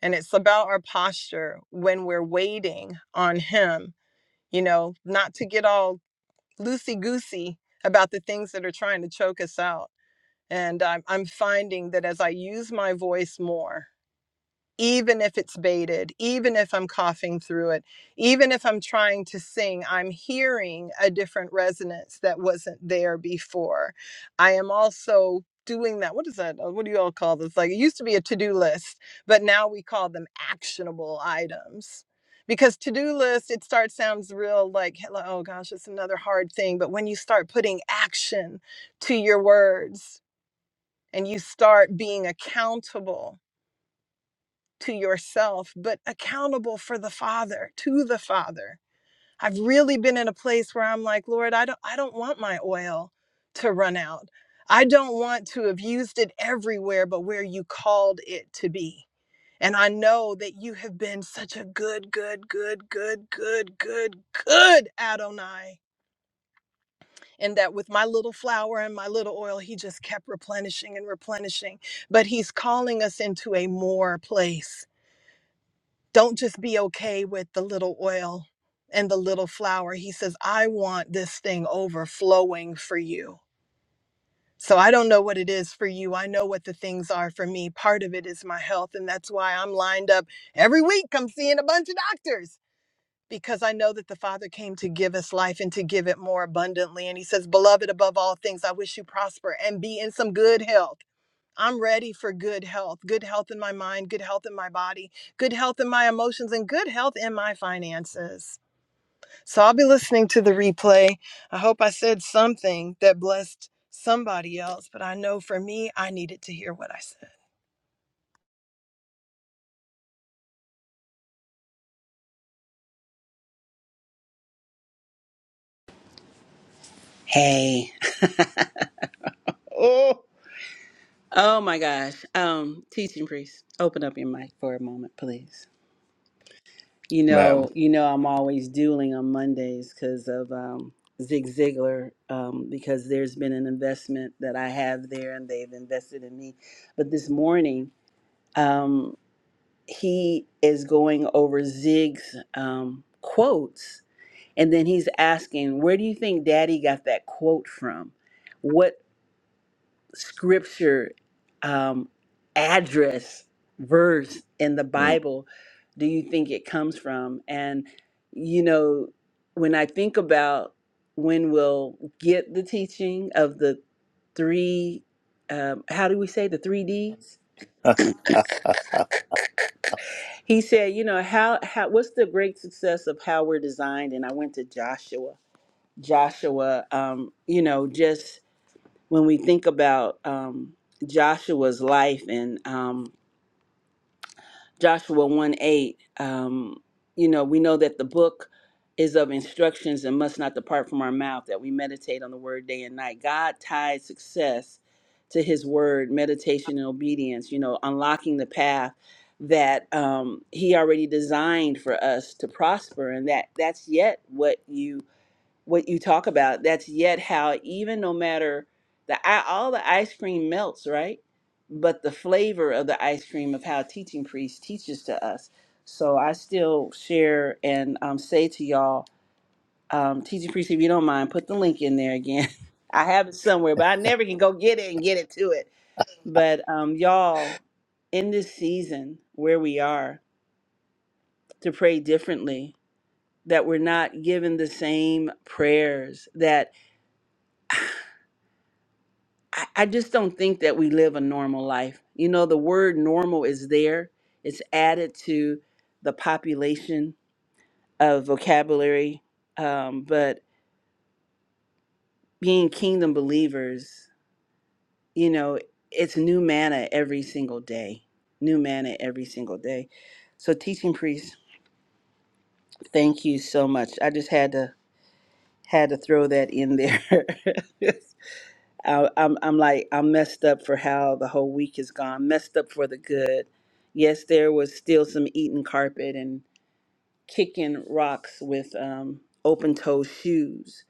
E: And it's about our posture when we're waiting on Him, you know, not to get all loosey goosey about the things that are trying to choke us out. And I'm, I'm finding that as I use my voice more, even if it's baited, even if I'm coughing through it, even if I'm trying to sing, I'm hearing a different resonance that wasn't there before. I am also doing that. What is that? uh, What do you all call this? Like it used to be a to do list, but now we call them actionable items. Because to do list, it starts sounds real like, hello, oh gosh, it's another hard thing. But when you start putting action to your words and you start being accountable, to yourself, but accountable for the Father, to the Father. I've really been in a place where I'm like, Lord, I don't I don't want my oil to run out. I don't want to have used it everywhere but where you called it to be. And I know that you have been such a good, good, good, good, good, good, good Adonai. And that with my little flour and my little oil, he just kept replenishing and replenishing. But he's calling us into a more place don't just be okay with the little oil and the little flour. He says, I want this thing overflowing for you. So I don't know what it is for you. I know what the things are for me. Part of it is my health. And that's why I'm lined up every week. I'm seeing a bunch of doctors because I know that the Father came to give us life and to give it more abundantly. And He says, Beloved, above all things, I wish you prosper and be in some good health I'm ready for good health, good health in my mind, good health in my body, good health in my emotions, and good health in my finances. So I'll be listening to the replay. I hope I said something that blessed somebody else, but I know for me, I needed to hear what I said.
A: Hey. Oh my gosh. Um, teaching priest, open up your mic for a moment, please. You
C: ma'am.
A: know, you know, I'm always dueling on Mondays because of um, Zig Ziglar, um, because there's been an investment that I have there, and they've invested in me. But this morning, um, he is going over Zig's um, quotes, and then he's asking, "Where do you think Daddy got that quote from?" What?" scripture um, address verse in the
C: Mm.
A: bible do you think it comes from and you know when i think about when we'll get the teaching of the three um, how do we say the three d's he said you know how, how what's the great success of how we're designed and i went to joshua joshua um, you know just when we think about um, joshua's life and um, Joshua 1 8, um, you know, we know that the book is of instructions and must not depart from our mouth, that we meditate on the word day and night. God tied success to his word, meditation and obedience, you know, unlocking the path that um, he already designed for us to prosper. And that that's yet what you what you talk about that's yet how even no matter the i- all the ice cream melts right but the flavor of the ice cream of how teaching priest teaches to us so i still share and um, say to y'all um, teaching priest if you don't mind put the link in there again i have it somewhere but i never can go get it and get it to it but um, y'all in this season where we are to pray differently that we're not given the same prayers that. I, I just don't think that we live a normal life. You know, the word normal is there, it's added to the population of vocabulary. Um, but being kingdom believers, you know, it's new manna every single day, new manna every single day. So, teaching priest, thank you so much. I just had to had to throw that in there. I, I'm, I'm like, I'm messed up for how the whole week is gone, messed up for the good. Yes, there was still some eating carpet and kicking rocks with um, open toe shoes.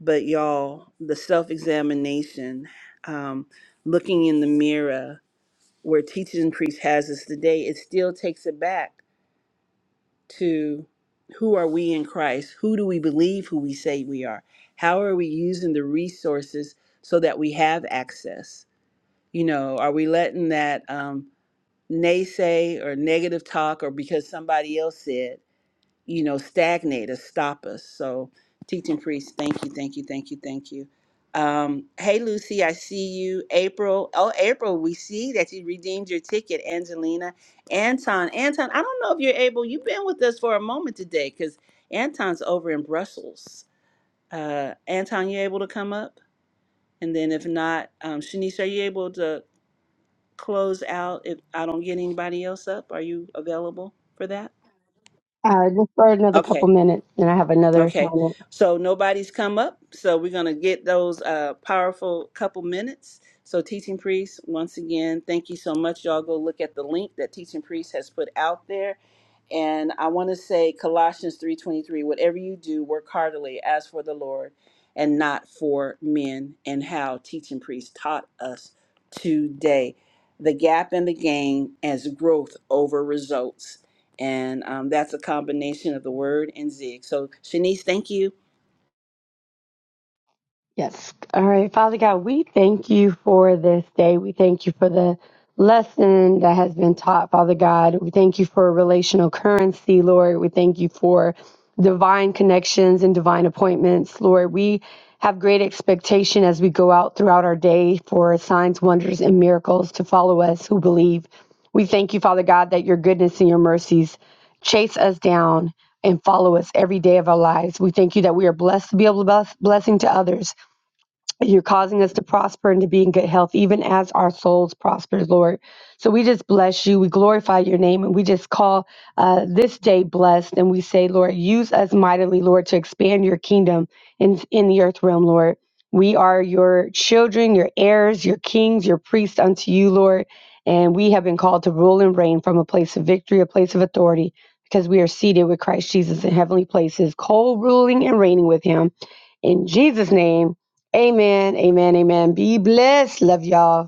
A: But y'all, the self examination, um, looking in the mirror where teaching priest has us today, it still takes it back to who are we in Christ? Who do we believe who we say we are? How are we using the resources so that we have access? You know, are we letting that um, naysay or negative talk or because somebody else said, you know, stagnate or stop us? So, teaching priest, thank you, thank you, thank you, thank you. Um, hey, Lucy, I see you. April, oh, April, we see that you redeemed your ticket, Angelina. Anton, Anton, I don't know if you're able, you've been with us for a moment today because Anton's over in Brussels. Uh, Anton, you able to come up? And then if not, um, Shanice, are you able to close out if I don't get anybody else up? Are you available for that?
D: Uh, just for another
A: Okay.
D: couple minutes, and I have another
A: Okay,
D: assignment.
A: so nobody's come up, so we're going to get those uh, powerful couple minutes. So, Teaching Priest, once again, thank you so much. Y'all go look at the link that Teaching Priest has put out there. And I want to say Colossians 3.23, whatever you do, work heartily as for the Lord and not for men, and how Teaching Priest taught us today. The gap in the game as growth over results and um, that's a combination of the word and zig. So, Shanice, thank you
D: Yes. All right. Father God, we thank you for this day. We thank you for the lesson that has been taught, Father God. We thank you for relational currency, Lord. We thank you for divine connections and divine appointments, Lord. We have great expectation as we go out throughout our day for signs, wonders, and miracles to follow us who believe. We thank you, Father God, that your goodness and your mercies chase us down and follow us every day of our lives. We thank you that we are blessed to be able to bless blessing to others. You're causing us to prosper and to be in good health, even as our souls prosper, Lord. So we just bless you. We glorify your name and we just call uh, this day blessed. And we say, Lord, use us mightily, Lord, to expand your kingdom in, in the earth realm, Lord. We are your children, your heirs, your kings, your priests unto you, Lord. And we have been called to rule and reign from a place of victory, a place of authority, because we are seated with Christ Jesus in heavenly places, co ruling and reigning with him. In Jesus' name. Amen. Amen. Amen. Be blessed. Love y'all.